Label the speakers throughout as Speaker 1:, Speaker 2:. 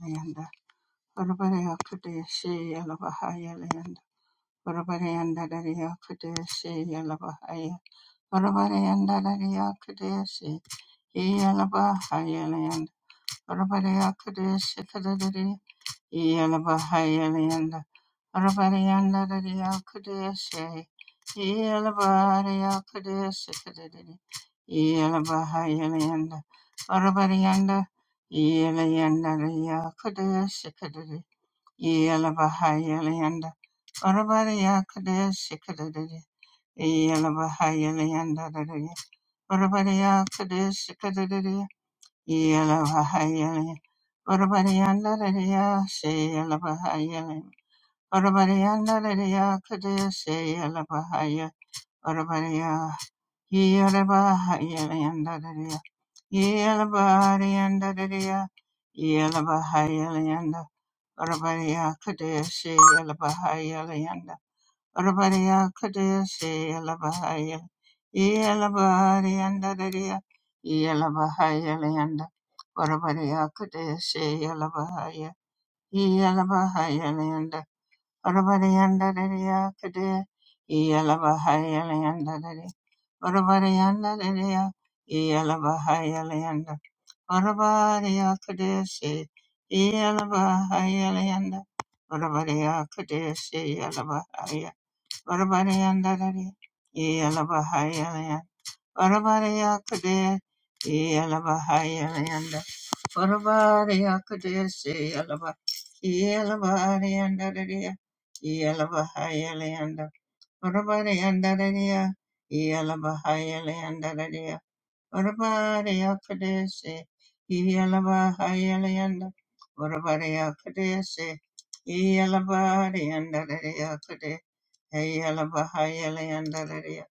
Speaker 1: Leyenda Urabaya Kudeshi Yalabahaya Leyenda Urabayanda Daria Kudeshi Yalabahaya Urabayanda Daria Kudeshi Yalabahaya Leyenda Urabaya Kudeshi Kadadari Yalabahaya Leyenda Urabayanda Daria Kudeshi Yalabahaya Kudeshi Kadadari Yalabahaya Leyenda Urabayanda Yalabahaya Kudeshi Kadadari Yela Bahayela Yanda Orabariya Kadesh Kadadadi Yela Bahayela Yanda Dadadi Orabariya Kadesh Kadadadi Yela Bahayela Orabariyanda Dadiya Shayela Bahayela Orabariyanda Dadiya Kadesh Yela Bahaya Orabariya Yela Bahayela Yanda Dadiya Yela Bahariyanda Dadiya Yela Bahayela Rabaria Kadeshi Elabahaya Leanda Rabaria Kadeshi Elabahaya Elabarianda Daria Elabahaya Leanda Rabaria Kadeshi Elabahaya Elabahaya Leanda Rabarianda Daria Kadeshi Elabahaya Leanda Daria Rabarianda Daria Elabahaya Leanda. Arabaya Kadeshi, Yalabahaya Leanda, Arabaya Kadeshi, Yalabahaya, Arabayanda Dari, Yalabahaya Leanda, Arabaya Kadeshi, Yalabahaya Leanda, Arabaya Kadeshi, Yalabahaya Yalabayanda Dari, Yalabahaya Leanda, Arabayanda Dari, Yalabahaya Leanda Urabariya Kadesi, Yalaba Hayalayanda, Urabariya Kadesi, Yalabarianda Radia Kade, Yalaba Hayalayanda Radia,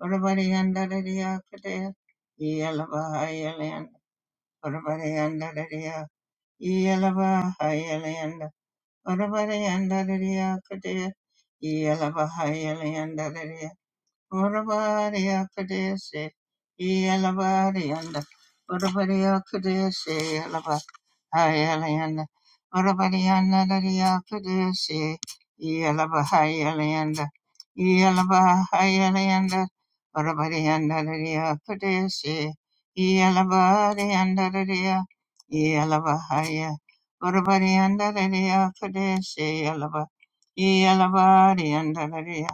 Speaker 1: Urabarianda Radia Kade, Yalaba Hayalayanda, Urabarianda Radia, Yalaba Hayalayanda, Urabarianda Radia Kade, Yalaba Hayalayanda Urabariya Kadesi, Yalabariyanda, Urabariya Kadesi, Ireland, Urabadiana, Lydia, Caduce, Yalabahayaland, Yalabahayaland, Urabadiana, Lydia, Caduce, Yalabadiana, Lydia, Yalabahaya, Urabadiana, Lydia, Caduce, Yalaba, Yalabadiana, Lydia,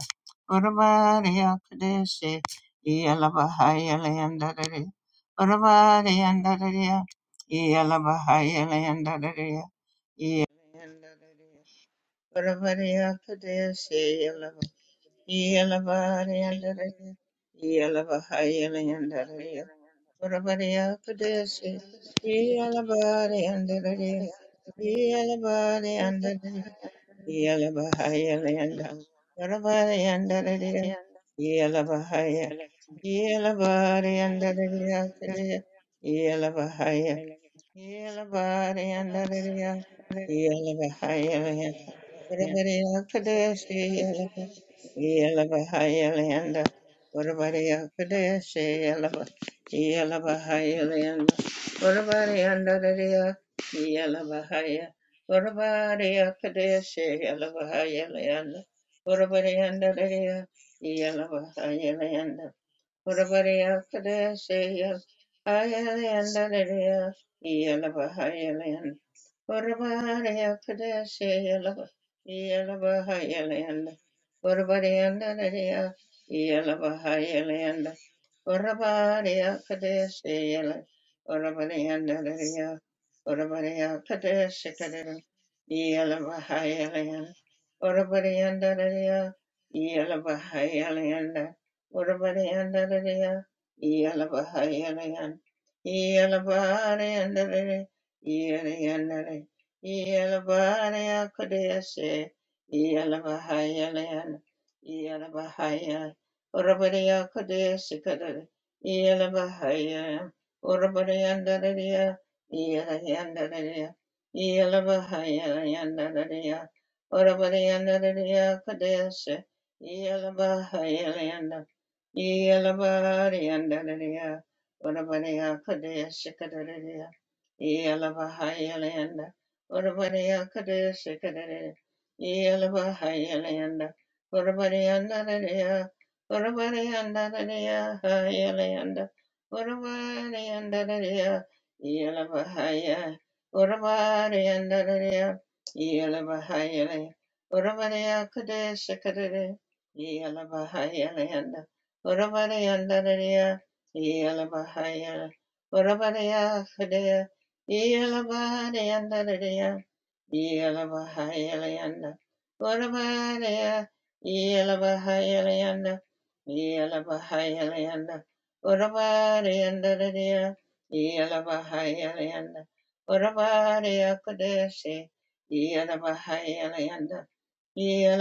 Speaker 1: Urabadia, Caduce, Yalabahayaland, Urabadiana, yeah, Yellow, Urabariya Kadeshaya Ayalandaria Yelavahayalan Urabariya Kadeshaya Yelavahayalan Urabariya Nandaria Yelavahayalan Orabariya Kadeshayala Orabariya Nadariya Orabariya Kadeshikadara Yala Bahayalayan Orabariya Nadariya Yala Bahayalayan Orabariya Nadariya Yala Bahayalayan Yala Bahariya Nadari Yala Nadari Yala Bahariya Kadeshi Yala Bahayalayan Yala Orabaria Kadea Sikadari, Yela Bahaya, Orabariandararia, Yela Yandararia, Yela Bahaya Yandararia, Orabariandararia Kadea Se, Yela Bahaya Yanda, Yela Bahariandararia, Orabaria Kadea Sikadaria, Yela Bahaya Yanda, Orabaria Kadea Sikadaria, Yela Bahaya Yanda, Orabariandararia, Yalabahaya, Yalabahaya, Yalabahaya, Yala Bahaya Leander, Urabari and the Yelabahayalayanda. Urabadiyandadadiya. Yelabahayalayanda. Urabadiyakudeshi. Yelabahayalayanda. Yeah.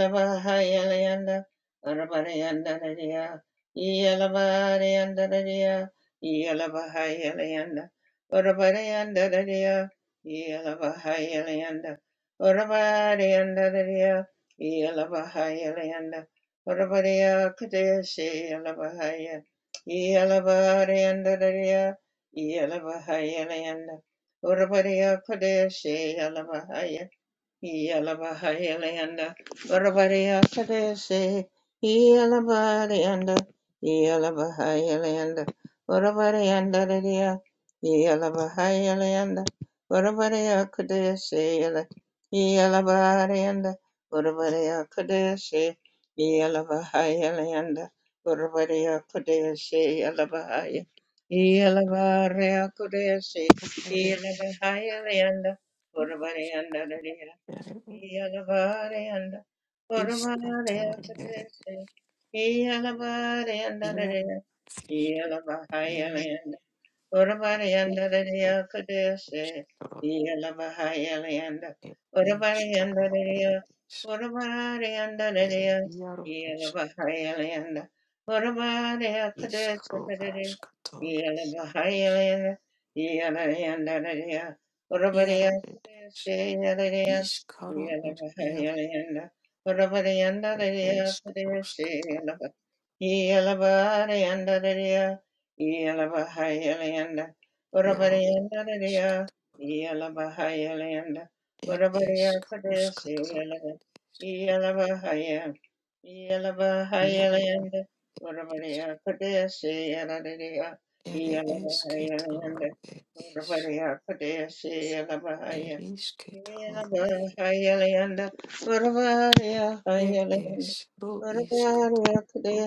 Speaker 1: Yalabahayalayanda, Urabariakadese, Yalabarianda, Yalabahayalayanda, Urabarianda, Yalabahayalayanda, Urabariakadese, Yalabarianda, Urabariakadese, Yalabahayalayanda, Urabariakadese, Yalabahaya, Yalabariakadese,
Speaker 2: Iskaro
Speaker 1: Yalabahayalayanda, Urabarianda, Iyalabari and Iyalabariyanda, and Iyalabariyanda, Iyalabahayalayanda. Ora Marianda de Dio Cadese, Yala Mahayalianda, Ora Marianda de Dio, Ora Marianda de Dio, Yala Mahayalianda, Ora Maria Cadese Cadere, Yala Mahayalianda, Yala Yanda de Dio, Ora Maria Cadese, Yala Dio, Yala
Speaker 2: er iaro
Speaker 1: Mahayalianda, Ora Marianda de Dio
Speaker 2: esk
Speaker 1: Cadese,
Speaker 2: ruskator
Speaker 1: Yala Yala Marianda Yelabahayalayanda,
Speaker 2: iaro ed esk
Speaker 1: Urabariyandadadiya, Yelabahayalayanda,
Speaker 2: ed esk
Speaker 1: Urabariyakadesi,
Speaker 2: ruskator
Speaker 1: Yelaba-
Speaker 2: esk
Speaker 1: Yelabahaya-
Speaker 2: iaro
Speaker 1: Yelabahayalayanda, Urabariyakadesi, Yeladadiya,
Speaker 2: Ere
Speaker 1: Yelabahayalayanda,
Speaker 2: esketoro er is
Speaker 1: Urabariyakadesi, Yelabahaya.
Speaker 2: er isketoro er es ro iskatoro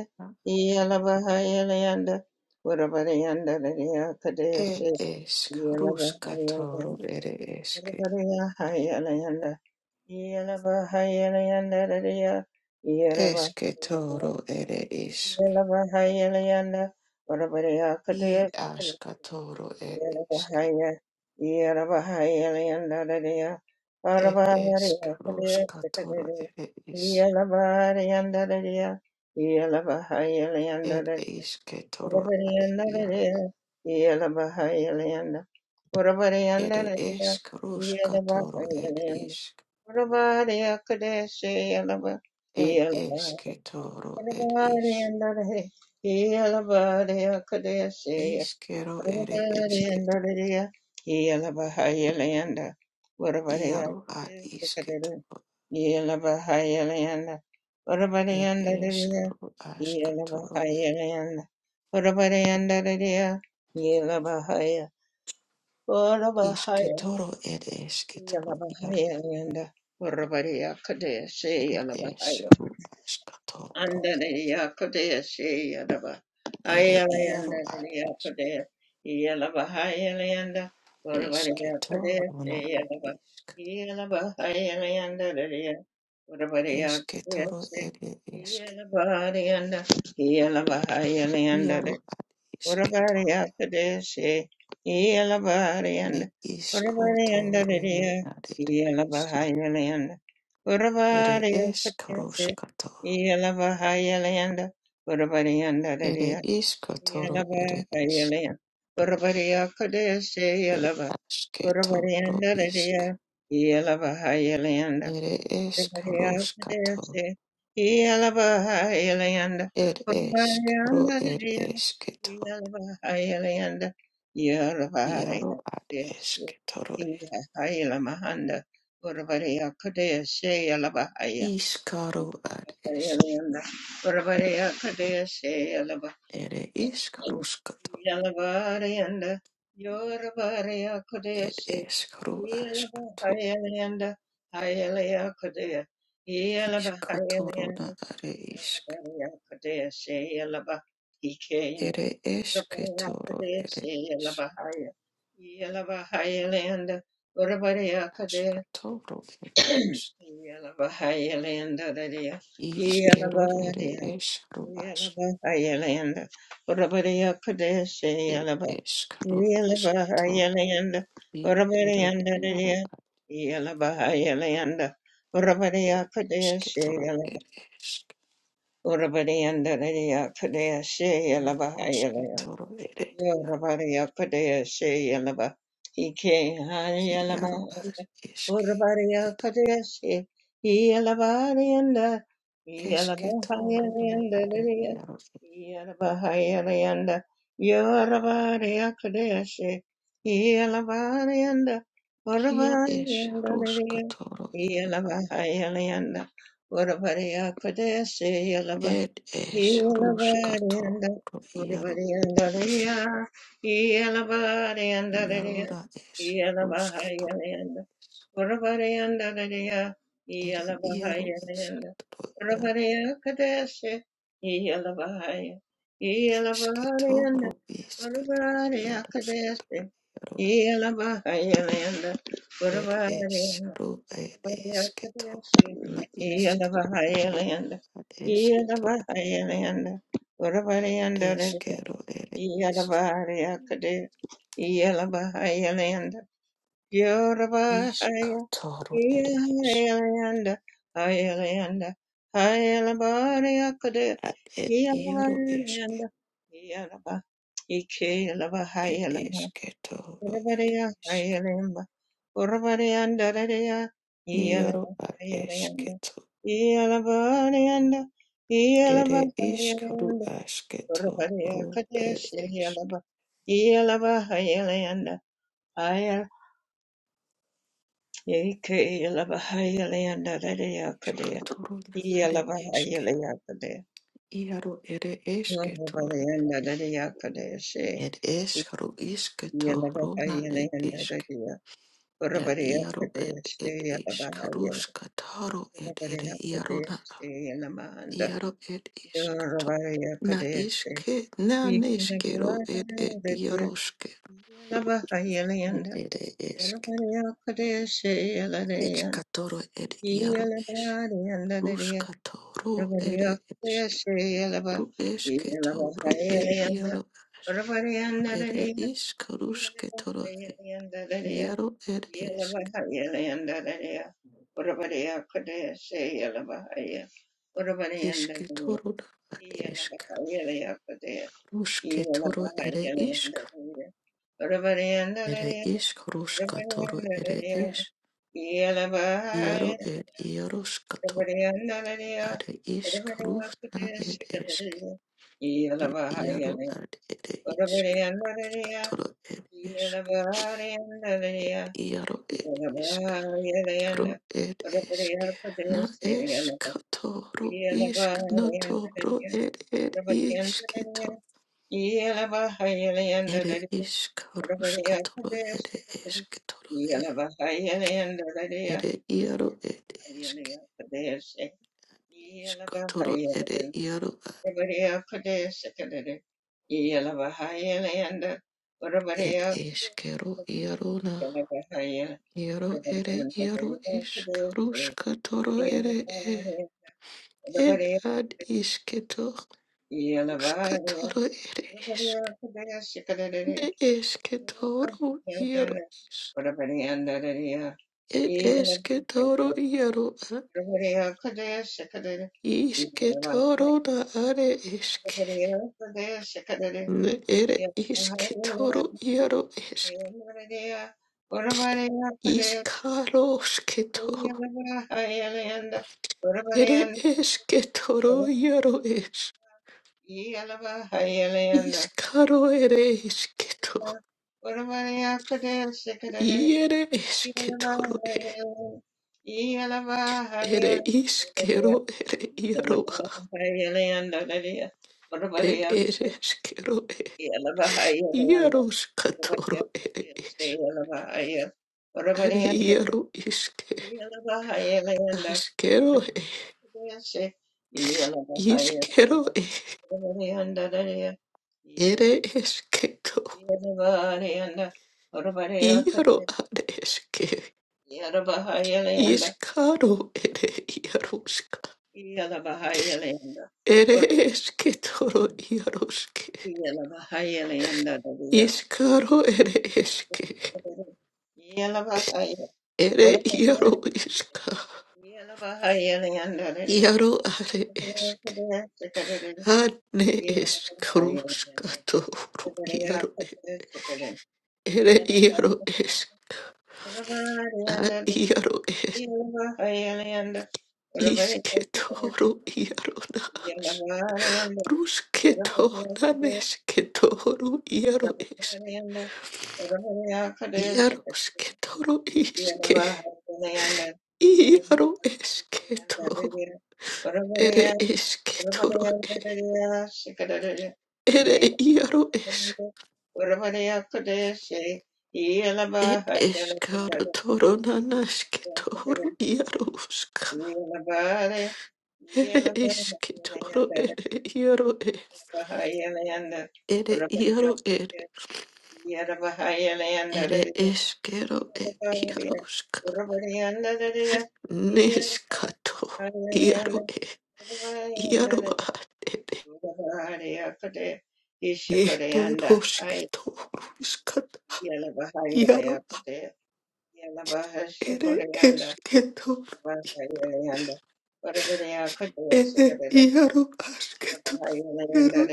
Speaker 2: er esk ruskatoro
Speaker 1: Yeah.
Speaker 2: ere eske esketoro ere is i askatoro er eske
Speaker 1: Yarabahaya, Yarabahaya, Leandadadia,
Speaker 2: er
Speaker 1: Arabaharia,
Speaker 2: esk
Speaker 1: Padea,
Speaker 2: ruskatoro
Speaker 1: Sikadadia,
Speaker 2: ere is
Speaker 1: Yalabaria, Andadadia, Yalabahaya,
Speaker 2: er
Speaker 1: Leandadadia,
Speaker 2: isketoro
Speaker 1: Urabaria,
Speaker 2: er iaro
Speaker 1: Andadadia, Yalabahaya, Leanda, Urabaria,
Speaker 2: ere
Speaker 1: Andadadia,
Speaker 2: esk ruskatoro
Speaker 1: Yalabahaya,
Speaker 2: er
Speaker 1: Leanda,
Speaker 2: is
Speaker 1: Urabaria, Kadeshi, Yalaba,
Speaker 2: Ed
Speaker 1: Yalabahaya,
Speaker 2: esketoro ed is.
Speaker 1: Andadadia, Yalabaria,
Speaker 2: Iskero ere esket.
Speaker 1: Yalabahaya,
Speaker 2: Iaro ad isketoro. Ed eskero askatoro. Isketoro ed esketoro iaro. Ed esru askatoro is.
Speaker 1: Andariya Kodea Sheyadaba.
Speaker 2: Ere iaro ad
Speaker 1: Ayalayandariya
Speaker 2: es.
Speaker 1: Kodea Yalabahayalayanda Urabariya Kodea
Speaker 2: Esketoro na ad
Speaker 1: Sheyadaba.
Speaker 2: isk.
Speaker 1: Yalabahayalayandariya Urabariya Kodea
Speaker 2: Esketoro
Speaker 1: Sheyadaba.
Speaker 2: ere esk.
Speaker 1: Yalabahayalayanda
Speaker 2: Iaro ad
Speaker 1: Urabari
Speaker 2: isketoro.
Speaker 1: Akadeshi, Yelabari and
Speaker 2: Ed
Speaker 1: Urabari and
Speaker 2: iskotoro na
Speaker 1: Dadidia,
Speaker 2: ad es.
Speaker 1: Yelabahayaland,
Speaker 2: Ere
Speaker 1: Urabari
Speaker 2: esh
Speaker 1: Akadeshi,
Speaker 2: karoshkato.
Speaker 1: Yelabahayaland, Urabari and
Speaker 2: Ere
Speaker 1: Dadidia,
Speaker 2: ish katoro ere esh.
Speaker 1: Yelabahayaland, Urabari Akadeshi,
Speaker 2: Ere
Speaker 1: Yelaba, Urabari and
Speaker 2: ashketoro ishk.
Speaker 1: Dadidia, Yelabahayaland,
Speaker 2: Ere esh
Speaker 1: Yalabahaya,
Speaker 2: karoshkato. Ere esh karo ere eshketo. Iaro ad eshketoro. e. Ish karo ad esh. Ere ish karoshkato.
Speaker 1: Yalavarayanda, Yoravaraya
Speaker 2: Ere
Speaker 1: Kodesha,
Speaker 2: esh karo ashkato.
Speaker 1: Yalavahayalayanda, Hayalaya Kodea,
Speaker 2: Ish katoro na
Speaker 1: Yalavahayalayanda,
Speaker 2: are ishk.
Speaker 1: Yoravaraya Kodesha, Yalava, Ikain,
Speaker 2: Ere
Speaker 1: Yoravaraya
Speaker 2: eshketoro ere
Speaker 1: Kodesha,
Speaker 2: ish.
Speaker 1: Yalavahaya, Yalavahayalayanda, Yoravaraya Kodea,
Speaker 2: Ashkatoro ere ish.
Speaker 1: Yalavahayalayanda, Dadaya,
Speaker 2: Ishkero ere
Speaker 1: Yalavahaya,
Speaker 2: eshkro ashk
Speaker 1: Yalavahayalanda, Yoravaraya
Speaker 2: ed
Speaker 1: Kodesha, Yala
Speaker 2: eshkro ashkato
Speaker 1: Yelabahayalayanda,
Speaker 2: i ere iaro
Speaker 1: Urabariyandariya, Yelabahayalayanda,
Speaker 2: ere
Speaker 1: Urabariya Padaya
Speaker 2: ashketoro
Speaker 1: Shayala,
Speaker 2: ere eshk
Speaker 1: Urabariyandariya
Speaker 2: i
Speaker 1: Padaya
Speaker 2: ashketoro ere
Speaker 1: Yoravariya Kadea Sheyelava. Ike Harielama.
Speaker 2: iaro ash eshke
Speaker 1: Uravariya
Speaker 2: ere
Speaker 1: Kadea She. Yelavarianda.
Speaker 2: eshketoro na are
Speaker 1: Yelavahayanda.
Speaker 2: iaro
Speaker 1: Yelavahayanda. Yoravariya Kadea She. Yelavarianda.
Speaker 2: ia esh
Speaker 1: Uravarianda.
Speaker 2: roshkatoro ere
Speaker 1: Yelavahayanda. Uravariya Kadea
Speaker 2: ed esh
Speaker 1: yeah.
Speaker 2: roshkatoro iaro ash iaro ra esh roshkatoro ere iaro eshketoro Esquetoro isqueto iarosqueto iarona ed esru ed
Speaker 1: Yeah,
Speaker 2: esquetoro na isc ad esqueto ed esquero ed is iscatoro ed is ad ed iaro esque ed esquetoro ed
Speaker 1: Urabariya
Speaker 2: isc
Speaker 1: ayelemba, Urabariyanda rariya,
Speaker 2: iaro
Speaker 1: Iyalaba
Speaker 2: ad
Speaker 1: ayeleyanda,
Speaker 2: esqueto
Speaker 1: Iyalaba ariyanda,
Speaker 2: ed
Speaker 1: Iyalaba
Speaker 2: iscru
Speaker 1: ayeleyanda, Urabariya
Speaker 2: asquetoro ed
Speaker 1: kadesh
Speaker 2: is
Speaker 1: yalaba, Iyalaba ayeleyanda, Ayal yeke yalaba ayeleyanda rariya kadeya,
Speaker 2: iscatoro na ad
Speaker 1: Iyalaba
Speaker 2: esque
Speaker 1: ayeleya kadeya,
Speaker 2: iaro ed esquetoro
Speaker 1: Urabariyanda rariya kadesh,
Speaker 2: It is Karu
Speaker 1: Iyalaba
Speaker 2: Iskatoruna it
Speaker 1: ayeleyanda
Speaker 2: isk
Speaker 1: rariya,
Speaker 2: at
Speaker 1: Urabariya
Speaker 2: Iaru it
Speaker 1: kadesh
Speaker 2: it is
Speaker 1: yalaba
Speaker 2: Karuska Taru it it
Speaker 1: Yarabaraya
Speaker 2: Iaruna
Speaker 1: Kadesi Yanamanda
Speaker 2: Iaru it iskato
Speaker 1: Yarabaya
Speaker 2: Na
Speaker 1: Kadesi
Speaker 2: iske na neskero
Speaker 1: Yanamanda
Speaker 2: it it Iaruske it
Speaker 1: Yalabahayalayanda
Speaker 2: it isk
Speaker 1: Yarabaraya Kadesi
Speaker 2: It's
Speaker 1: Yalayan
Speaker 2: Katoro it Iaru is
Speaker 1: Yalabarayanda
Speaker 2: Ruskatoro it
Speaker 1: Yarabaraya
Speaker 2: is
Speaker 1: Kadesi Yalaba
Speaker 2: Ru esketoro it
Speaker 1: Yalabahayalayanda
Speaker 2: Iaru is
Speaker 1: Yarabarayanda
Speaker 2: It is Karusketoro
Speaker 1: Yalabahayalayanda
Speaker 2: Iaru it isk
Speaker 1: Yelavahaya Leandalaya, Urabadea Kodea Se Yelavahaya,
Speaker 2: Eshke
Speaker 1: Urabadiandalaya,
Speaker 2: toro ad eshk.
Speaker 1: Yelavahaya Lea Kodea,
Speaker 2: Rushke toro
Speaker 1: Yelavahaya
Speaker 2: ere isk
Speaker 1: Leandalaya,
Speaker 2: Ere
Speaker 1: Urabadiandalaya,
Speaker 2: isk ruska toro ere
Speaker 1: Urabadiandalaya,
Speaker 2: esh. Iaro
Speaker 1: Yelavahaya,
Speaker 2: ed iaroshkato.
Speaker 1: Urabadiandalaya,
Speaker 2: Are isk
Speaker 1: Urabadea
Speaker 2: rushna
Speaker 1: Kodea Se
Speaker 2: ed eshk. Ed
Speaker 1: Yelavahaya,
Speaker 2: iaro ad ere isk
Speaker 1: Yelavahaya
Speaker 2: ruska
Speaker 1: Lea,
Speaker 2: toro ed eshk.
Speaker 1: Yeah.
Speaker 2: Iaro ed ishk. Ro ed eshke. Na eshk toro isk no toro er ed ishk Ere iskaruskatoro ere esketoro ere iaro ed eske iskatoro ere iaro a- ed eskero iaro na iaro ere iaro iskaruskatoro ere e ed ad isketo
Speaker 1: Yeah.
Speaker 2: ruskatoro ere esk de esketoro iaro is ed esketoro iaro a isketoro na are eske Ne ere isketoro iaro esk iskarosketoro ere esketoro iaro es
Speaker 1: Yelava Hayeliana,
Speaker 2: iskaro ere esketo
Speaker 1: Uravaya Kadesh Kadade,
Speaker 2: iere
Speaker 1: Yelava
Speaker 2: esketoro e
Speaker 1: Hayeliana, Yelava
Speaker 2: ere iskero ere iaro a
Speaker 1: Hayeliana, Dadia,
Speaker 2: ed
Speaker 1: Uravaya
Speaker 2: ere eskero e
Speaker 1: Yelava Hayeliana,
Speaker 2: iaro skatoro
Speaker 1: Uravaya
Speaker 2: ere
Speaker 1: Kadesh,
Speaker 2: es
Speaker 1: Yelava Hayel,
Speaker 2: are
Speaker 1: Uravaya
Speaker 2: iaro iske
Speaker 1: Yelava Hayeliana,
Speaker 2: askero e
Speaker 1: Uravaya Yelava Hayeliana,
Speaker 2: iskero e
Speaker 1: Dadia,
Speaker 2: ere esketo
Speaker 1: Yelava Hayeliana, Uravaya
Speaker 2: Iaro areske,
Speaker 1: Yalabahayalanda,
Speaker 2: iskaro ere iaroska,
Speaker 1: Yalabahayalanda,
Speaker 2: ere eske toro iaroske,
Speaker 1: Yalabahayalanda,
Speaker 2: iskaro ere eske,
Speaker 1: Yalabahaya,
Speaker 2: ere
Speaker 1: Orabahaya,
Speaker 2: iaro iska,
Speaker 1: Yalabahayalanda,
Speaker 2: iaro are eske, ane eskruska toru iaro, e- ere iaro esk, na
Speaker 1: Yalabahayalanda,
Speaker 2: iaro es, iske toro iaro nas, ruske to naneske toru iaro es.
Speaker 1: Yelabahaya
Speaker 2: Yarosketoro iske. Iaro esketo. Ere esketoro e. Ere iaro es. Et eskaro toro nanasketoro iaro uska. Ere esketoro ere iaro e. Ere iaro er. Ere eskero
Speaker 1: Yeah.
Speaker 2: et iaro uska. Neskato. Iaro e. Iaro ad. Ere. Eto rosketoro Iaro ere esketor. Ede iaro asketor. Iaro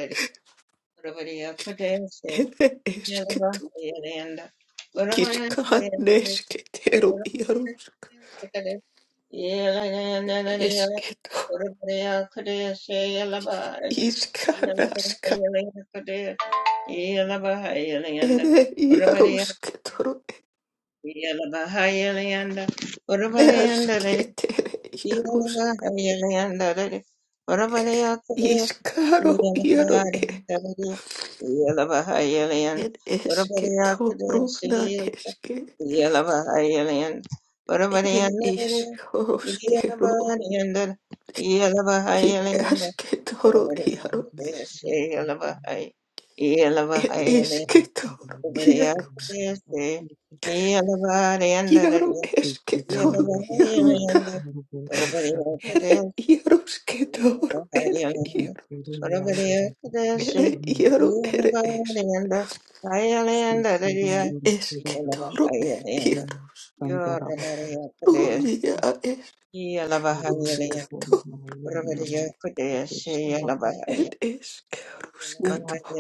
Speaker 2: ere esketor. Kiska nesketero iarosk
Speaker 1: Yeah.
Speaker 2: Esketor. Iska naska. Ere iarusketor. Ede asketere
Speaker 1: Yeah.
Speaker 2: iarus. Iskaro iaro e. Ed esketor. Runa eske. Ere iskoskero. It is ashketoro
Speaker 3: Thank
Speaker 2: iaro
Speaker 3: you.
Speaker 2: is. It ishketoro iaros. Iaro esketoro iaro da. Ere
Speaker 1: Yeah.
Speaker 2: iarosketoro ere iaro. Ere iaro ere es. Ere esketoro ere iaro. Uia es ruskato It is Ed eskeruskato.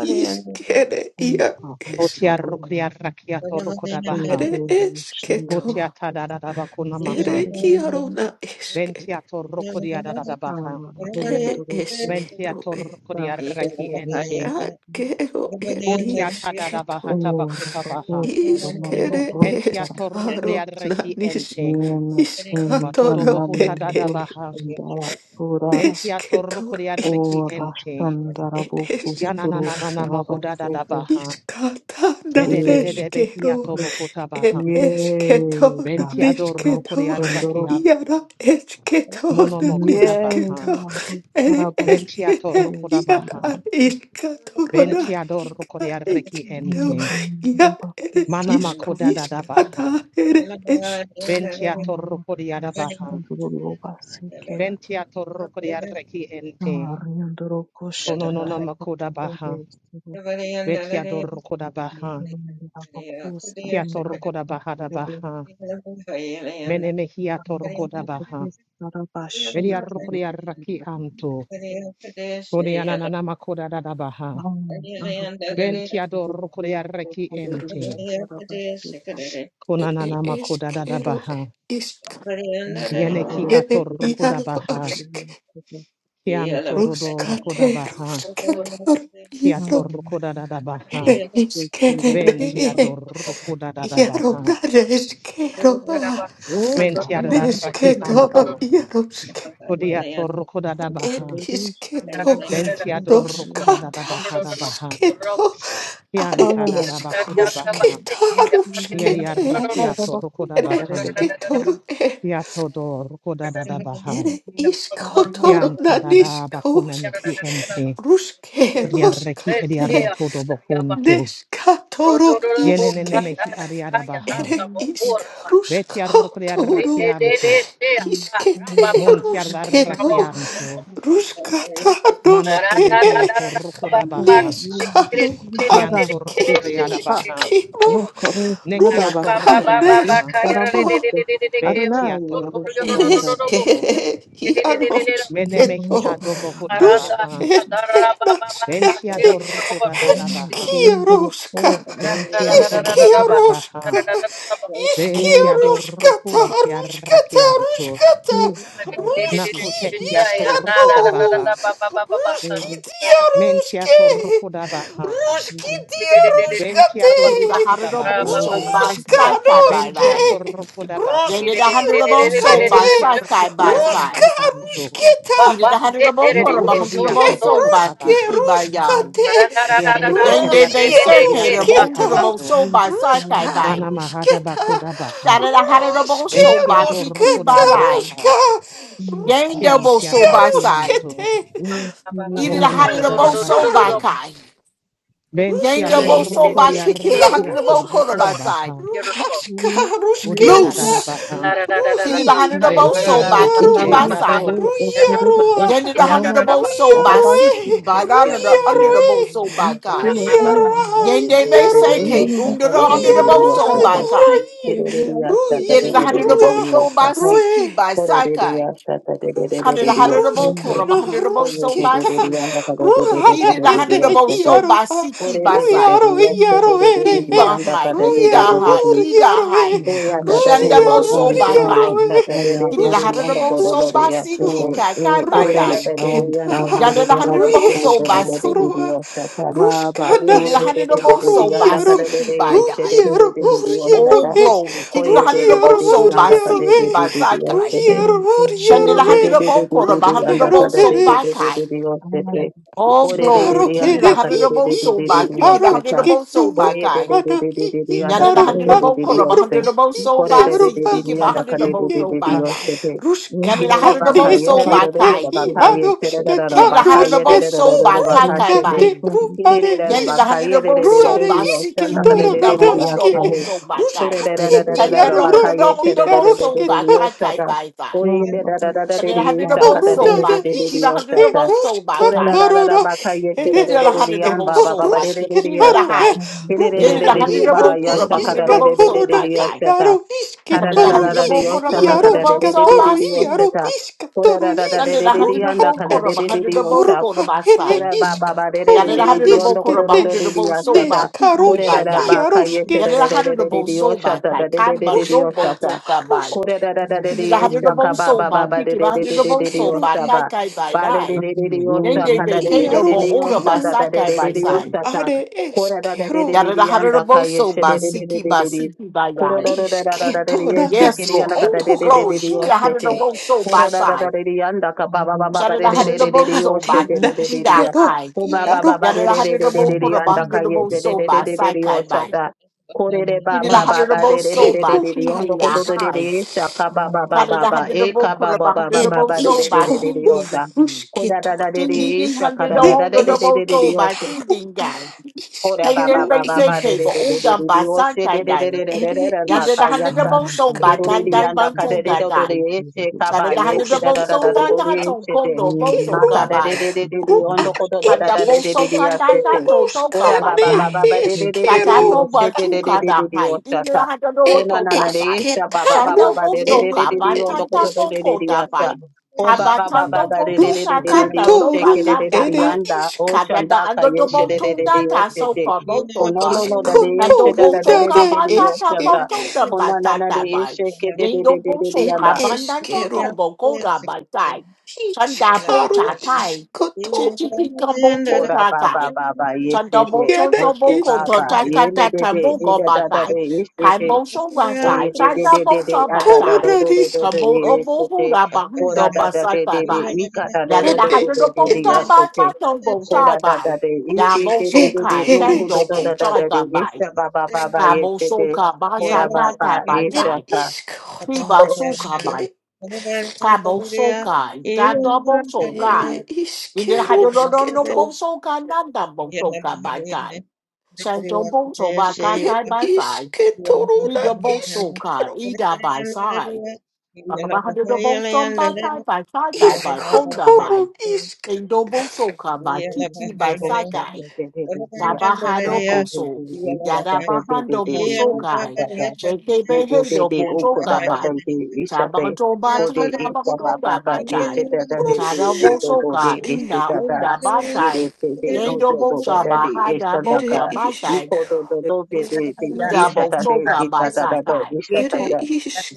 Speaker 2: Iskere iaro es.
Speaker 4: Votia rukria rakia to rukoda baha.
Speaker 2: Ere
Speaker 3: Bekoreshinga
Speaker 2: esketo.
Speaker 4: Votia tadada
Speaker 3: bagakoresha
Speaker 4: bakuna maha.
Speaker 2: Ere
Speaker 3: bakoresheje
Speaker 2: iaro na
Speaker 4: Ventia to rukodia dada baha.
Speaker 2: Ere
Speaker 3: abondorobo
Speaker 4: Ventia
Speaker 2: eskero
Speaker 4: to
Speaker 2: e
Speaker 4: rukodia raki
Speaker 3: basekuru
Speaker 4: ente.
Speaker 2: akero e
Speaker 4: Puntia tadada
Speaker 2: isketo
Speaker 4: baha
Speaker 3: umuntu
Speaker 4: tabakuta baha.
Speaker 3: akagororoma
Speaker 2: iskere
Speaker 3: bose
Speaker 4: Ventia to
Speaker 2: eskaro
Speaker 4: rukodia raki
Speaker 2: nanis
Speaker 4: ente.
Speaker 3: umuntu
Speaker 4: Vatoto
Speaker 2: iskatoro
Speaker 4: bohuta
Speaker 2: et
Speaker 3: anamama
Speaker 4: dada
Speaker 2: ere
Speaker 3: bose
Speaker 4: baha.
Speaker 3: ndaratura
Speaker 4: Ventia to
Speaker 2: nesketor
Speaker 4: rukodia raki
Speaker 2: isk
Speaker 4: ente.
Speaker 3: urashandara
Speaker 2: et es
Speaker 3: bukusturusha
Speaker 4: Yanananana mahuda dada
Speaker 3: basete
Speaker 4: baha.
Speaker 2: iskata
Speaker 4: Bede de de de
Speaker 2: naneskero
Speaker 4: behia to bokuta baha.
Speaker 2: El esketo.
Speaker 3: yega
Speaker 2: el
Speaker 4: Ventia do
Speaker 2: esqueto,
Speaker 4: rukodia
Speaker 3: rashondoro
Speaker 4: rakia.
Speaker 2: esketo. esqueto, el
Speaker 4: Monomokuda baha.
Speaker 2: esqueto,
Speaker 3: yega rushara
Speaker 2: el
Speaker 4: Bentia
Speaker 2: esqueto,
Speaker 4: torrocoda
Speaker 2: yara
Speaker 4: baha.
Speaker 3: basete
Speaker 2: esqueto, rona,
Speaker 4: Bentia
Speaker 2: yara
Speaker 4: dorrocodia reki
Speaker 1: Yeah,
Speaker 2: esqueto,
Speaker 4: ente.
Speaker 3: Thank
Speaker 2: yara el
Speaker 4: Mana
Speaker 2: isca,
Speaker 4: makoda da da baha.
Speaker 2: iscata, el es,
Speaker 4: Bentia torrocodia da baha. Bentia torrocodia reki ente. Kononona makoda baha. Betia dorrocoda baha. Kia torrocoda baha da baha. Mene mehia torrocoda baha. Betia rocodia reki anto. Konianana makoda da da baha. Bentia dorrocodia reki ente.
Speaker 2: el
Speaker 4: Konanana makoda da da
Speaker 2: esquero,
Speaker 4: baha.
Speaker 2: isc,
Speaker 4: Yeneki
Speaker 2: el
Speaker 4: ator
Speaker 2: yaro
Speaker 4: kodabaha,
Speaker 2: ask,
Speaker 4: kianto dodor
Speaker 2: ruskate,
Speaker 4: atorkodabaha,
Speaker 2: ruskatar, yaro,
Speaker 3: you.
Speaker 4: kiantododorkodabaha, kiatorkodadabaha,
Speaker 2: el
Speaker 3: Oh God,
Speaker 2: isquete,
Speaker 4: ventiadorkodadabaha,
Speaker 2: Yaroba Neshkero
Speaker 3: Oh,
Speaker 4: mentiadaraki
Speaker 2: Neshketoro
Speaker 4: anto,
Speaker 2: Yaroske Ed
Speaker 4: kodiatorkodadabaha,
Speaker 2: Isketo Doskata
Speaker 4: ventiadorkodadabakadabaha,
Speaker 2: Isketo Are
Speaker 4: kiantadadabakodabaha,
Speaker 2: Iskarusketa Ruskete
Speaker 4: yeriarakiatorkodabaha,
Speaker 2: Eresketoro Ere
Speaker 4: kiatodorkodadabaha,
Speaker 2: Iskotoro Naniskoske
Speaker 4: kiantadadabakonemehi ente,
Speaker 2: Ruske
Speaker 4: kodiareki
Speaker 5: Let's
Speaker 2: Roskate
Speaker 5: hear,
Speaker 4: ediarkodobokunto.
Speaker 2: Neskatoro
Speaker 5: Rondororobo
Speaker 2: Iske
Speaker 4: Yenenemehi
Speaker 5: Sakadakaya
Speaker 4: adiadabaha.
Speaker 2: Ere
Speaker 5: Dasa Bokora Basa.
Speaker 2: Iskaruskotoro
Speaker 4: Betiarrocodiarracianto.
Speaker 5: Ridede Shea
Speaker 2: Iskete
Speaker 5: Karaba Baba
Speaker 2: rusketo
Speaker 5: Sakarabo.
Speaker 4: Montiarracianto.
Speaker 2: ruskata noske
Speaker 4: Manocodehiato rocodabaha.
Speaker 2: neskano
Speaker 4: Pianto
Speaker 2: aske
Speaker 3: Baba,
Speaker 4: rocodiadabaha.
Speaker 2: iskiru
Speaker 3: No kore
Speaker 4: Neciato
Speaker 2: ruska
Speaker 3: adabakis is
Speaker 4: rocodabaha.
Speaker 2: neskato
Speaker 3: darabate. Adonai
Speaker 4: Bentiato
Speaker 1: Yeah.
Speaker 2: eres
Speaker 3: Yarushchandara.
Speaker 4: rocodobocunto.
Speaker 2: kere
Speaker 1: There's a
Speaker 2: ianos
Speaker 4: Menemehi
Speaker 2: keto
Speaker 4: adobo
Speaker 1: lot of
Speaker 3: Yarushchandara.
Speaker 2: rus
Speaker 5: Rada
Speaker 4: adobohotabaha.
Speaker 5: Shadara
Speaker 2: ketenas
Speaker 5: Baba
Speaker 2: kate
Speaker 5: Kasia
Speaker 4: Bentiado
Speaker 5: Robakurusi.
Speaker 4: rocodadabaha.
Speaker 3: Yendere
Speaker 2: eskiaroska
Speaker 3: kor
Speaker 4: Bentiato
Speaker 3: Yarushchandara.
Speaker 4: rocodabaha.
Speaker 2: eskiaroska
Speaker 3: Yeres
Speaker 4: Bentiado
Speaker 2: eskiaroska taruska
Speaker 4: rocuntiarracianto.
Speaker 2: taruska ta
Speaker 3: is darabasi.
Speaker 2: ruski
Speaker 4: Nacotehiato
Speaker 2: iskano
Speaker 4: rocodabaha.
Speaker 3: Yeres
Speaker 2: ruski diaroske
Speaker 4: Mentiator Kodabaha,
Speaker 2: ruski diaroska te
Speaker 6: He did a
Speaker 4: Bentiador
Speaker 6: hundred of both
Speaker 4: Kodabaha,
Speaker 6: sold by side side by
Speaker 2: ruskanoske
Speaker 6: line.
Speaker 4: Bentiator
Speaker 6: They
Speaker 4: Kodabaha,
Speaker 6: did a
Speaker 2: Ruski,
Speaker 6: hundred of both sold by
Speaker 2: ruskate,
Speaker 4: Bentiar
Speaker 6: side side by
Speaker 2: ruska,
Speaker 6: side.
Speaker 4: Rokodiaraki Anto,
Speaker 6: He
Speaker 2: rusketa,
Speaker 6: did
Speaker 5: Baba
Speaker 6: a hundred
Speaker 5: se
Speaker 6: of both
Speaker 1: different
Speaker 5: tere de
Speaker 1: things
Speaker 6: quarter,
Speaker 1: that
Speaker 6: a
Speaker 5: ke so
Speaker 6: hundred of
Speaker 2: ruske,
Speaker 5: yo
Speaker 4: Nokodehiato
Speaker 6: both
Speaker 5: to
Speaker 6: sold by
Speaker 5: basa.
Speaker 2: ruske,
Speaker 4: Bokotabaha,
Speaker 6: kiki by yard.
Speaker 2: ruskate,
Speaker 5: Ra ra ra ra ra ra
Speaker 4: Ediareki,
Speaker 6: Then
Speaker 5: se
Speaker 6: they they
Speaker 2: rusia,
Speaker 5: tere
Speaker 4: Ediareki,
Speaker 5: de
Speaker 6: circuit
Speaker 5: ke
Speaker 6: a
Speaker 4: Ediareki
Speaker 6: bone to the
Speaker 2: rusketa,
Speaker 6: both
Speaker 4: Anto,
Speaker 6: sold by side side
Speaker 2: ruska,
Speaker 6: by.
Speaker 4: Mana Mahada
Speaker 2: rusketa,
Speaker 6: Shot
Speaker 4: Bakodabaha,
Speaker 6: it a hundred of both
Speaker 2: ruske,
Speaker 6: sold by
Speaker 4: Bentiador
Speaker 6: kiki
Speaker 2: rusketa,
Speaker 6: by line.
Speaker 4: Kodadabaha,
Speaker 2: ruska,
Speaker 6: Then they both
Speaker 2: rusia,
Speaker 6: sold
Speaker 3: is
Speaker 6: by
Speaker 4: Kiantiaraki
Speaker 6: side.
Speaker 4: Anto,
Speaker 2: ruskete,
Speaker 3: Yes, Lord,
Speaker 6: He did
Speaker 3: we
Speaker 6: a
Speaker 3: ask
Speaker 6: hundred
Speaker 3: you
Speaker 6: of
Speaker 3: to
Speaker 6: both
Speaker 3: do
Speaker 6: sold
Speaker 2: ruska,
Speaker 3: that.
Speaker 6: by
Speaker 4: Monomahodadabaha,
Speaker 5: ha.
Speaker 6: kind. Then
Speaker 3: In
Speaker 6: they
Speaker 3: the
Speaker 4: Bentiator
Speaker 5: Rabasa,
Speaker 6: both
Speaker 2: Rushki,
Speaker 3: name
Speaker 6: sold
Speaker 3: of
Speaker 6: by kicking
Speaker 2: rushki,
Speaker 6: it
Speaker 3: Jesus,
Speaker 6: a
Speaker 3: we pray.
Speaker 6: hundred of
Speaker 4: Rokodiarakiator
Speaker 2: rush,
Speaker 6: both quarter by side.
Speaker 4: Rokodabaha,
Speaker 2: rushka,
Speaker 3: Yes, Lord, we
Speaker 2: rushketa,
Speaker 3: ask
Speaker 6: Loose.
Speaker 4: Odiadadabaha,
Speaker 6: Kiri
Speaker 2: ruhi,
Speaker 6: the
Speaker 3: you to
Speaker 6: hundred
Speaker 3: do
Speaker 6: of so
Speaker 4: Mentia
Speaker 3: that.
Speaker 6: by
Speaker 3: In the
Speaker 6: Kiki
Speaker 2: ruhiarou,
Speaker 3: name
Speaker 4: tokute
Speaker 6: by
Speaker 3: of Jesus, we
Speaker 4: yato
Speaker 6: Basai.
Speaker 3: pray. Yes, Lord,
Speaker 4: rokodaba.
Speaker 3: we
Speaker 2: ruhiaroua,
Speaker 3: ask you to do that.
Speaker 6: Yende
Speaker 3: In the
Speaker 6: the
Speaker 3: name
Speaker 6: hundred
Speaker 3: of
Speaker 6: of so by
Speaker 2: ruhiaroue,
Speaker 3: Jesus,
Speaker 6: Siki
Speaker 3: we
Speaker 6: by
Speaker 4: Mentia
Speaker 6: under the under the
Speaker 4: rekie.
Speaker 2: ruhiaroue,
Speaker 6: boat so
Speaker 3: pray. Yes, Lord, we ask you to do
Speaker 6: by Kai.
Speaker 3: that. In
Speaker 6: Yende may say
Speaker 3: the
Speaker 2: ruhiarouaiarouie,
Speaker 6: Kate
Speaker 3: name
Speaker 6: under the hundred of so by Kai.
Speaker 2: ruhiarouaiarouie, ruhi,
Speaker 6: Yende the hundred of
Speaker 2: ruai,
Speaker 6: so by
Speaker 2: roue.
Speaker 6: Siki by Sakai. Hundred
Speaker 2: Ruske,
Speaker 6: the hundred of
Speaker 2: ruska,
Speaker 6: Okura, a
Speaker 2: no,
Speaker 6: hundred of so by
Speaker 2: rusketa,
Speaker 6: Sin. Eat
Speaker 2: ruhana,
Speaker 6: it a
Speaker 2: ede,
Speaker 6: hundred of so
Speaker 2: iaro,
Speaker 6: by
Speaker 2: a,
Speaker 6: Siki by Sai.
Speaker 2: ruiaro, iaro,
Speaker 3: of
Speaker 2: ere,
Speaker 3: Jesus, we
Speaker 2: e,
Speaker 3: pray.
Speaker 6: Kiba high, Ida
Speaker 2: ruiaro,
Speaker 6: high, Ida
Speaker 2: ruiaro, e,
Speaker 6: high.
Speaker 3: Oh,
Speaker 2: Ruria,
Speaker 6: Shandabo so
Speaker 3: um,
Speaker 6: by
Speaker 2: ruria,
Speaker 6: Kai.
Speaker 3: okay.
Speaker 2: roe,
Speaker 6: He
Speaker 3: I,
Speaker 6: did a
Speaker 3: uh,
Speaker 6: hundred
Speaker 2: ruske,
Speaker 6: of so by
Speaker 2: rusketo,
Speaker 6: Siki
Speaker 3: Oh,
Speaker 6: Kai Kai
Speaker 3: eh,
Speaker 6: by
Speaker 3: eh,
Speaker 6: Dai.
Speaker 3: um,
Speaker 2: ruesketa,
Speaker 3: aman,
Speaker 6: Yandere hundred
Speaker 3: arabo,
Speaker 6: boso by
Speaker 3: okara,
Speaker 2: ruiesketo,
Speaker 6: sing.
Speaker 2: roa,
Speaker 3: raba,
Speaker 2: ruskanasketo
Speaker 7: Koye
Speaker 6: He did
Speaker 7: de
Speaker 6: a
Speaker 3: oro,
Speaker 7: de de
Speaker 6: hundred
Speaker 7: de de
Speaker 2: nasketo,
Speaker 7: de
Speaker 3: okara,
Speaker 7: de
Speaker 6: boso by
Speaker 7: yanda
Speaker 2: roiero,
Speaker 7: kada
Speaker 3: ito,
Speaker 7: de
Speaker 6: siki by
Speaker 7: de de
Speaker 6: yai.
Speaker 7: de de
Speaker 2: ruiero,
Speaker 7: de de
Speaker 3: ito,
Speaker 7: de de
Speaker 2: ruiero,
Speaker 6: Oh
Speaker 7: yanda
Speaker 3: okara,
Speaker 2: e,
Speaker 6: glory. He did a
Speaker 7: Koye
Speaker 3: ito,
Speaker 7: de
Speaker 6: hundred
Speaker 7: de de
Speaker 2: ruiero,
Speaker 7: de de
Speaker 6: boso by
Speaker 7: yanda kada
Speaker 2: ruiero,
Speaker 7: de de
Speaker 6: siki
Speaker 2: e,
Speaker 7: de
Speaker 6: by
Speaker 7: de de
Speaker 6: zaikai.
Speaker 7: yanda
Speaker 3: aman,
Speaker 2: ruiero,
Speaker 3: oro,
Speaker 6: Shanded
Speaker 2: ruiero,
Speaker 6: a
Speaker 3: okara,
Speaker 2: e,
Speaker 6: hundred boko by hundred
Speaker 2: ruskero,
Speaker 6: boso
Speaker 2: ere,
Speaker 6: by kai.
Speaker 3: aman,
Speaker 7: de
Speaker 3: ito,
Speaker 6: Oh
Speaker 7: Koye de
Speaker 3: raba,
Speaker 7: de de de de
Speaker 2: Ruskaro
Speaker 6: glory.
Speaker 7: de
Speaker 6: He
Speaker 7: de
Speaker 6: did a
Speaker 2: ere
Speaker 7: yanda
Speaker 3: ito,
Speaker 2: i
Speaker 6: hundred
Speaker 7: kada de de de de de de
Speaker 2: i
Speaker 7: yanda de
Speaker 6: boso
Speaker 7: Kore
Speaker 2: i
Speaker 6: by
Speaker 7: de de
Speaker 6: kiki
Speaker 7: de yanda kada de de de de de de
Speaker 6: a
Speaker 7: yanda
Speaker 6: hundred
Speaker 7: ta
Speaker 2: aroske no
Speaker 6: boso
Speaker 2: ru
Speaker 6: by
Speaker 7: Koye de
Speaker 6: kai.
Speaker 7: de de
Speaker 2: ana
Speaker 7: de de
Speaker 2: i
Speaker 7: de de
Speaker 2: i
Speaker 7: yanda
Speaker 3: aman,
Speaker 6: Yandere a
Speaker 2: aro
Speaker 7: kada de
Speaker 6: hundred
Speaker 7: de
Speaker 3: oro,
Speaker 2: an
Speaker 7: de de
Speaker 6: boko
Speaker 7: de
Speaker 2: i
Speaker 3: raba,
Speaker 6: by
Speaker 2: ro
Speaker 6: hundred
Speaker 7: yanda
Speaker 2: i i
Speaker 3: ito,
Speaker 6: boso
Speaker 7: Kore
Speaker 2: i
Speaker 6: by
Speaker 7: de
Speaker 2: aro
Speaker 7: de de
Speaker 2: a
Speaker 7: de de
Speaker 6: siki by
Speaker 3: aman,
Speaker 7: yanda
Speaker 6: hundred
Speaker 2: i
Speaker 7: kada de de de
Speaker 6: boso
Speaker 7: de de
Speaker 2: ene
Speaker 6: by
Speaker 3: raba,
Speaker 6: kai.
Speaker 7: yanda
Speaker 3: oro,
Speaker 6: Yandere a
Speaker 2: ruskata
Speaker 6: hundred
Speaker 3: okara,
Speaker 6: boso
Speaker 3: raba,
Speaker 6: by
Speaker 2: neskete
Speaker 3: ito,
Speaker 6: kai.
Speaker 2: i
Speaker 3: ito, ito, oro, ito, okara, ito, ito,
Speaker 6: He
Speaker 2: anosketa
Speaker 6: did a hundred
Speaker 2: rosketu
Speaker 6: boso by kai kai
Speaker 2: ruskate
Speaker 6: by.
Speaker 2: ru are
Speaker 6: Yende
Speaker 2: is
Speaker 6: na hundred
Speaker 2: ru
Speaker 6: boso
Speaker 2: are
Speaker 6: ba
Speaker 2: iske
Speaker 6: siki
Speaker 3: are,
Speaker 2: toro
Speaker 6: kingdom
Speaker 3: raba,
Speaker 6: bondo
Speaker 2: nanaske
Speaker 3: oro,
Speaker 6: bozo my guy.
Speaker 2: ruskate
Speaker 3: ito, ito,
Speaker 2: i
Speaker 6: Tender
Speaker 2: aro
Speaker 6: the
Speaker 3: ito,
Speaker 2: ro
Speaker 6: hundred
Speaker 3: oro,
Speaker 2: i
Speaker 6: the boso
Speaker 2: aroske
Speaker 6: ba kai kai by by.
Speaker 3: One of
Speaker 6: And then a
Speaker 3: the
Speaker 6: hundred
Speaker 3: Baba
Speaker 6: boso
Speaker 3: or
Speaker 2: Rusketorutada
Speaker 6: ba kiki the hundred
Speaker 2: iske
Speaker 6: boso ba kai.
Speaker 2: ruskatarora ere
Speaker 6: Kiki the hundred
Speaker 2: esketo
Speaker 6: boso ba kiki the
Speaker 2: rusketaro e
Speaker 6: high.
Speaker 3: and
Speaker 2: ru
Speaker 6: Yende
Speaker 3: so
Speaker 6: the
Speaker 2: ad
Speaker 6: hundred
Speaker 3: open
Speaker 2: iaro
Speaker 6: boko
Speaker 3: or
Speaker 6: the
Speaker 3: little
Speaker 6: hundred boso
Speaker 2: iskatorona
Speaker 6: ba kai.
Speaker 7: Yashata
Speaker 2: iaro
Speaker 3: or
Speaker 6: Under the
Speaker 2: isketoro
Speaker 6: hundred
Speaker 2: i
Speaker 3: little
Speaker 6: boko the hundred
Speaker 2: iaro
Speaker 6: boso
Speaker 2: skatoro
Speaker 6: ba
Speaker 2: iaro
Speaker 6: see.
Speaker 7: Karararararariyoshandakadadadadadadadadiyoseta.
Speaker 2: iskatoro i
Speaker 6: Under the
Speaker 2: ru
Speaker 6: hundred
Speaker 2: ad
Speaker 6: boko the hundred
Speaker 2: esketoro
Speaker 7: Korararararararariyandakadadadadadadiyosha.
Speaker 6: boko the
Speaker 2: ad ere
Speaker 6: by
Speaker 7: Ora ba ba ba de de de
Speaker 6: Yada
Speaker 7: de
Speaker 6: da
Speaker 2: iskatorona
Speaker 7: de
Speaker 6: hada da
Speaker 7: de
Speaker 6: bo
Speaker 7: ondo ko
Speaker 6: kura
Speaker 7: de
Speaker 6: ba
Speaker 7: de
Speaker 2: neskete
Speaker 6: hada da
Speaker 7: de de ya
Speaker 6: so ba
Speaker 7: ta.
Speaker 2: neskaro
Speaker 6: kiki
Speaker 7: Ore
Speaker 2: i
Speaker 7: da
Speaker 6: ba
Speaker 7: da
Speaker 3: or
Speaker 6: yai.
Speaker 7: ba ka ye
Speaker 2: iaroske
Speaker 7: de
Speaker 6: Yada da
Speaker 7: de de
Speaker 6: hada
Speaker 7: de
Speaker 6: da
Speaker 7: de de
Speaker 6: bo
Speaker 7: de o
Speaker 6: so
Speaker 7: sa
Speaker 6: ba
Speaker 7: ta
Speaker 6: kai
Speaker 7: da de de
Speaker 6: kan
Speaker 7: de
Speaker 6: ba
Speaker 7: de de
Speaker 6: no
Speaker 7: o
Speaker 6: bo
Speaker 2: ruskata
Speaker 6: so ka ba.
Speaker 2: ruske
Speaker 7: Kore da da da de de
Speaker 6: Yada da
Speaker 7: ye
Speaker 6: hada da bo
Speaker 7: ka ba
Speaker 6: so
Speaker 7: ba ba
Speaker 6: ba
Speaker 7: ba de
Speaker 6: kiki ba
Speaker 7: de de
Speaker 6: hada
Speaker 7: de
Speaker 6: da
Speaker 7: de
Speaker 6: bo
Speaker 7: de de
Speaker 6: so
Speaker 7: o
Speaker 2: iskero
Speaker 6: ba
Speaker 2: e
Speaker 6: kai
Speaker 7: ba.
Speaker 6: kai ba
Speaker 7: de de
Speaker 6: dai.
Speaker 7: de de de o
Speaker 6: Name
Speaker 7: sa
Speaker 6: they
Speaker 7: ka da de de de
Speaker 6: vacator
Speaker 7: de
Speaker 6: bow
Speaker 7: de o
Speaker 6: ora
Speaker 7: sa
Speaker 6: ba
Speaker 2: iaroskano
Speaker 7: ta
Speaker 6: sai
Speaker 7: da de
Speaker 6: kai
Speaker 7: de de
Speaker 6: ba
Speaker 7: de
Speaker 2: Ru
Speaker 7: o
Speaker 6: sai.
Speaker 7: sa ta.
Speaker 2: are
Speaker 7: Kore da da de
Speaker 2: eskero
Speaker 7: de de
Speaker 6: Yada da
Speaker 7: de
Speaker 6: bow da
Speaker 7: anda ka ye
Speaker 6: so
Speaker 3: Thank
Speaker 6: ba
Speaker 7: de de de de
Speaker 6: siki
Speaker 7: de
Speaker 6: ba
Speaker 7: de de.
Speaker 6: siki ba
Speaker 7: Koro
Speaker 6: yai.
Speaker 7: do da da da da
Speaker 2: isketo
Speaker 7: de de ye se
Speaker 6: Yes,
Speaker 7: ke
Speaker 6: Lord.
Speaker 7: ka da
Speaker 6: Oh,
Speaker 7: de de de de
Speaker 6: glory.
Speaker 7: de
Speaker 6: Ki
Speaker 7: o
Speaker 6: da hada da
Speaker 2: radashkatorushkate
Speaker 6: so
Speaker 7: Ora
Speaker 6: ba
Speaker 7: ra ra ra
Speaker 6: sai.
Speaker 7: re re yanda ka ba ba ba ba ba
Speaker 6: Shada
Speaker 7: re
Speaker 6: da
Speaker 7: re
Speaker 6: hada
Speaker 7: re re re
Speaker 6: bow bo
Speaker 7: re yo
Speaker 6: so
Speaker 2: iskate
Speaker 7: she
Speaker 6: ba
Speaker 7: te re re
Speaker 6: kiki
Speaker 7: re re
Speaker 6: da
Speaker 7: ya.
Speaker 2: dashkero
Speaker 6: hai.
Speaker 7: Ko ba ba
Speaker 2: iaro
Speaker 7: ba ba
Speaker 6: Yada
Speaker 7: re
Speaker 6: da
Speaker 7: re re
Speaker 6: hada
Speaker 2: ask
Speaker 6: da
Speaker 7: re re
Speaker 6: bo
Speaker 7: re re
Speaker 6: kura ba
Speaker 7: yanda
Speaker 6: hada
Speaker 7: ka
Speaker 6: da
Speaker 7: ye te re
Speaker 6: so
Speaker 7: re re
Speaker 6: ba
Speaker 3: you.
Speaker 7: re re
Speaker 6: sai
Speaker 7: re yo
Speaker 6: kai
Speaker 7: sha ta. Ko re re
Speaker 3: um,
Speaker 7: ba
Speaker 6: Kiri da
Speaker 7: ba
Speaker 3: others
Speaker 6: hada
Speaker 7: ba
Speaker 6: da
Speaker 3: to
Speaker 7: ba
Speaker 6: bo
Speaker 7: re
Speaker 3: put
Speaker 7: re
Speaker 2: iskate
Speaker 3: your
Speaker 7: re re re
Speaker 2: ru
Speaker 6: soba,
Speaker 7: re re
Speaker 2: are
Speaker 6: kiri
Speaker 7: yondo ko
Speaker 6: da
Speaker 7: do do
Speaker 2: esk
Speaker 7: re re
Speaker 6: hai.
Speaker 7: ye sha ka ba ba
Speaker 3: mind
Speaker 7: ba
Speaker 6: Tada
Speaker 7: ba
Speaker 6: da
Speaker 7: ba
Speaker 3: to
Speaker 6: hada da
Speaker 7: e
Speaker 6: bo
Speaker 7: ka ba
Speaker 6: kura
Speaker 7: ba
Speaker 6: ba
Speaker 7: ba
Speaker 6: hada
Speaker 7: ba
Speaker 6: da
Speaker 2: et
Speaker 7: ba
Speaker 6: bo
Speaker 7: ba
Speaker 3: concerning
Speaker 7: re re re
Speaker 6: soba,
Speaker 2: isko
Speaker 3: or
Speaker 7: re re re yo
Speaker 6: kiri di
Speaker 7: ta.
Speaker 6: di.
Speaker 7: Ko da da da
Speaker 2: rushketoro
Speaker 7: re
Speaker 6: Ding
Speaker 7: re
Speaker 2: i
Speaker 6: di
Speaker 7: ye
Speaker 6: ding
Speaker 7: sha ka
Speaker 6: hada
Speaker 7: da
Speaker 6: da
Speaker 2: ne
Speaker 7: da
Speaker 3: and
Speaker 7: da re
Speaker 6: honda
Speaker 7: re
Speaker 6: da
Speaker 7: re
Speaker 6: bo
Speaker 7: re re yo
Speaker 6: soba,
Speaker 7: she.
Speaker 6: ding
Speaker 2: esketaro
Speaker 6: ding
Speaker 2: a
Speaker 6: dang.
Speaker 7: Ora
Speaker 6: Tang
Speaker 7: ba ba
Speaker 2: iskero
Speaker 6: dang
Speaker 7: ba
Speaker 6: bay
Speaker 7: ba
Speaker 2: i
Speaker 6: say
Speaker 7: ba de
Speaker 6: cable,
Speaker 7: de
Speaker 3: bringing
Speaker 7: de
Speaker 3: the
Speaker 7: de
Speaker 6: all
Speaker 7: de
Speaker 6: done
Speaker 7: de
Speaker 6: by
Speaker 7: de o
Speaker 6: sun
Speaker 7: she de
Speaker 6: dang
Speaker 7: de de de
Speaker 6: dang.
Speaker 7: de de
Speaker 2: ere
Speaker 7: de de ba
Speaker 6: Yanda da
Speaker 7: ta ya
Speaker 6: hada da
Speaker 7: sa
Speaker 3: long
Speaker 6: bo
Speaker 7: ke
Speaker 6: soba,
Speaker 3: on the grace
Speaker 7: de
Speaker 3: to
Speaker 2: iskarushketo
Speaker 7: de
Speaker 6: dang
Speaker 7: de
Speaker 6: dang
Speaker 7: anda
Speaker 6: bang
Speaker 7: ka de
Speaker 6: tong
Speaker 7: de
Speaker 6: da
Speaker 7: de do de
Speaker 3: to
Speaker 6: dang.
Speaker 7: e
Speaker 3: the
Speaker 7: she ka ba
Speaker 6: Tada da
Speaker 7: ye
Speaker 6: hada
Speaker 7: she
Speaker 6: da
Speaker 7: da
Speaker 3: grace
Speaker 6: bo
Speaker 7: da da
Speaker 6: son
Speaker 7: da do
Speaker 6: dan
Speaker 2: iarushketoru
Speaker 7: do de
Speaker 6: da
Speaker 7: e
Speaker 6: tong
Speaker 7: she
Speaker 6: kong
Speaker 7: de
Speaker 6: do
Speaker 3: or
Speaker 6: bo so
Speaker 7: ma
Speaker 3: long
Speaker 7: ka
Speaker 6: ga
Speaker 3: on the
Speaker 7: de de
Speaker 6: bai.
Speaker 7: de
Speaker 3: grace
Speaker 7: de
Speaker 3: to
Speaker 7: de de
Speaker 3: the
Speaker 7: ondo
Speaker 2: Ruat
Speaker 7: ko
Speaker 3: rush
Speaker 7: do da
Speaker 2: et
Speaker 7: da
Speaker 3: and
Speaker 6: Tanda
Speaker 7: da de
Speaker 6: bo
Speaker 7: de de
Speaker 6: so
Speaker 7: de
Speaker 6: kan
Speaker 7: ya
Speaker 2: isketo
Speaker 6: dan
Speaker 7: she te
Speaker 6: da to to
Speaker 2: ruska
Speaker 6: ga
Speaker 7: ora ba
Speaker 6: bai
Speaker 7: ba ba
Speaker 6: sai.
Speaker 7: ba ba
Speaker 3: the
Speaker 7: de de de de
Speaker 3: the
Speaker 7: de de
Speaker 2: meheskero
Speaker 7: o
Speaker 3: grace
Speaker 6: Shatano
Speaker 7: she de de de
Speaker 6: Batuka
Speaker 7: de de
Speaker 6: the
Speaker 7: de
Speaker 6: high,
Speaker 7: o sha ta
Speaker 6: Dinglahado
Speaker 2: et
Speaker 7: ona na na de e
Speaker 6: Dabai,
Speaker 7: sha ba ba ba
Speaker 2: esketaru
Speaker 7: ba
Speaker 6: Shanda
Speaker 7: ba de de
Speaker 2: et
Speaker 7: de de
Speaker 6: Bosoka,
Speaker 7: de de
Speaker 2: et
Speaker 7: ondo ko do
Speaker 6: Batanta
Speaker 7: do
Speaker 2: isk
Speaker 7: de de
Speaker 6: Boko
Speaker 7: de ya sha
Speaker 6: Dabai,
Speaker 7: O
Speaker 3: to
Speaker 7: ba ba
Speaker 3: the
Speaker 7: ba ba
Speaker 6: Tabatando
Speaker 7: ba re re
Speaker 3: rush
Speaker 7: re re
Speaker 6: Botoka
Speaker 7: re re re
Speaker 6: Tanda
Speaker 7: o se
Speaker 2: ruskatoru
Speaker 7: ke
Speaker 6: Doba
Speaker 7: re re re re
Speaker 2: ere
Speaker 6: Gandabai,
Speaker 7: yanda
Speaker 2: isk
Speaker 7: o chanda
Speaker 6: Tabanda
Speaker 7: ka ye
Speaker 6: Andodo
Speaker 1: we
Speaker 7: she re re
Speaker 1: do.
Speaker 7: re re
Speaker 6: Botunda
Speaker 7: o se te
Speaker 6: Tasopa
Speaker 1: Yeah.
Speaker 7: o no no
Speaker 6: Botoka,
Speaker 7: no da re ye
Speaker 6: Tando
Speaker 7: she da
Speaker 2: iskotoru
Speaker 7: da da re re
Speaker 2: dana
Speaker 6: Botoka
Speaker 7: re re o
Speaker 6: Batata
Speaker 2: eske
Speaker 7: chanda
Speaker 6: Botunda
Speaker 7: o na na na re
Speaker 6: Batata
Speaker 7: ye
Speaker 6: Bai,
Speaker 7: she ke re re
Speaker 6: Nindo
Speaker 7: re re re re
Speaker 2: et
Speaker 7: yanda
Speaker 6: Bosoka Bandanto
Speaker 2: eskero
Speaker 6: Tomboko Dabai Tai, Shanda
Speaker 2: iskaru
Speaker 6: Bota Tai,
Speaker 2: iskoto
Speaker 6: Chichi
Speaker 7: o ra ba
Speaker 6: Kambotunda
Speaker 7: ba ba ba ye she
Speaker 6: Sandabo
Speaker 7: te
Speaker 2: yana
Speaker 7: o
Speaker 6: Toto
Speaker 7: ko
Speaker 6: Boko
Speaker 7: ba ba
Speaker 2: eskato
Speaker 7: ye
Speaker 6: Totaka
Speaker 7: le de
Speaker 6: Tata
Speaker 7: de e da da da
Speaker 6: Batai.
Speaker 7: re ye she te
Speaker 6: Kaimbo Soba
Speaker 7: o
Speaker 6: Sai.
Speaker 7: ye de de
Speaker 6: Santa
Speaker 7: de de de
Speaker 6: Bosa
Speaker 7: a da
Speaker 2: ruskatoru
Speaker 7: da
Speaker 6: Basai.
Speaker 7: do
Speaker 2: dana
Speaker 7: do do do do
Speaker 2: eske
Speaker 6: Tumbo
Speaker 7: re ye she
Speaker 6: Obo
Speaker 7: te
Speaker 6: Hura
Speaker 7: o ra
Speaker 6: Bahundo
Speaker 7: da da
Speaker 6: Basai
Speaker 7: de de de
Speaker 6: Bai.
Speaker 7: i ka da do
Speaker 6: Yada
Speaker 7: do
Speaker 2: et
Speaker 6: the
Speaker 7: do do de de de ya
Speaker 6: Bonton
Speaker 7: she
Speaker 6: by
Speaker 2: esketoru
Speaker 7: te
Speaker 6: Tato Bosai Bai. Yamo So
Speaker 2: et
Speaker 6: Kai.
Speaker 2: ere
Speaker 6: Tango Bosai Bai. Kamo Soka Basai Tai Tai
Speaker 2: Ed
Speaker 6: Basai.
Speaker 7: コダダダで、イシテテテテ、ウコドドダダダで、エシャババババエチェテ、オラババエシャタ、デデデデオシャテテテテディアシタコテテディシャタテテテテディオシャタ
Speaker 2: iskatoruske,
Speaker 6: Piba
Speaker 1: Yeah.
Speaker 6: Kabo sokai, dando bo
Speaker 2: ed
Speaker 6: sokai. Inde hado no no no bo
Speaker 2: iskeruskito,
Speaker 6: sokai, nanda bo sokai by tai. Santo bo so by kai
Speaker 2: ed
Speaker 6: kai by side.
Speaker 2: isketoruna
Speaker 6: Ida bo sokai,
Speaker 2: iskeru,
Speaker 6: ida by side. Baba ba hado no bo son by tai by side tai by konda by.
Speaker 2: iskatoru iskaruske,
Speaker 6: Indo bo sokai by titi by sakai. Sabahado Boso, Yadabahando Boshokai, Shake
Speaker 7: de de de
Speaker 6: Behedo
Speaker 7: de o ko da
Speaker 6: Boshoka
Speaker 7: da
Speaker 6: Bai,
Speaker 7: da de isha de
Speaker 6: Tabando
Speaker 1: Yeah.
Speaker 7: o
Speaker 6: Bata
Speaker 7: de isha ba ba
Speaker 6: Tabahonda
Speaker 7: ba
Speaker 6: Batai,
Speaker 7: isha da da de de
Speaker 6: Tada
Speaker 7: o do do
Speaker 6: Bosoka,
Speaker 7: de
Speaker 2: rusieruske,
Speaker 7: isha
Speaker 6: Ina
Speaker 7: da da
Speaker 6: Onda
Speaker 7: ye de
Speaker 6: Batai,
Speaker 7: de de o
Speaker 6: Nando
Speaker 7: do do da
Speaker 6: Bosa
Speaker 7: da de
Speaker 6: Bahada
Speaker 7: isha da
Speaker 2: ed
Speaker 7: ka
Speaker 6: Bota
Speaker 7: i
Speaker 6: Batai,
Speaker 2: isk,
Speaker 7: ko do do do de de de
Speaker 6: Ida
Speaker 7: isha da de i
Speaker 6: Bosoka by
Speaker 7: da da da do
Speaker 6: Sakai,
Speaker 7: isha
Speaker 2: ed
Speaker 7: da da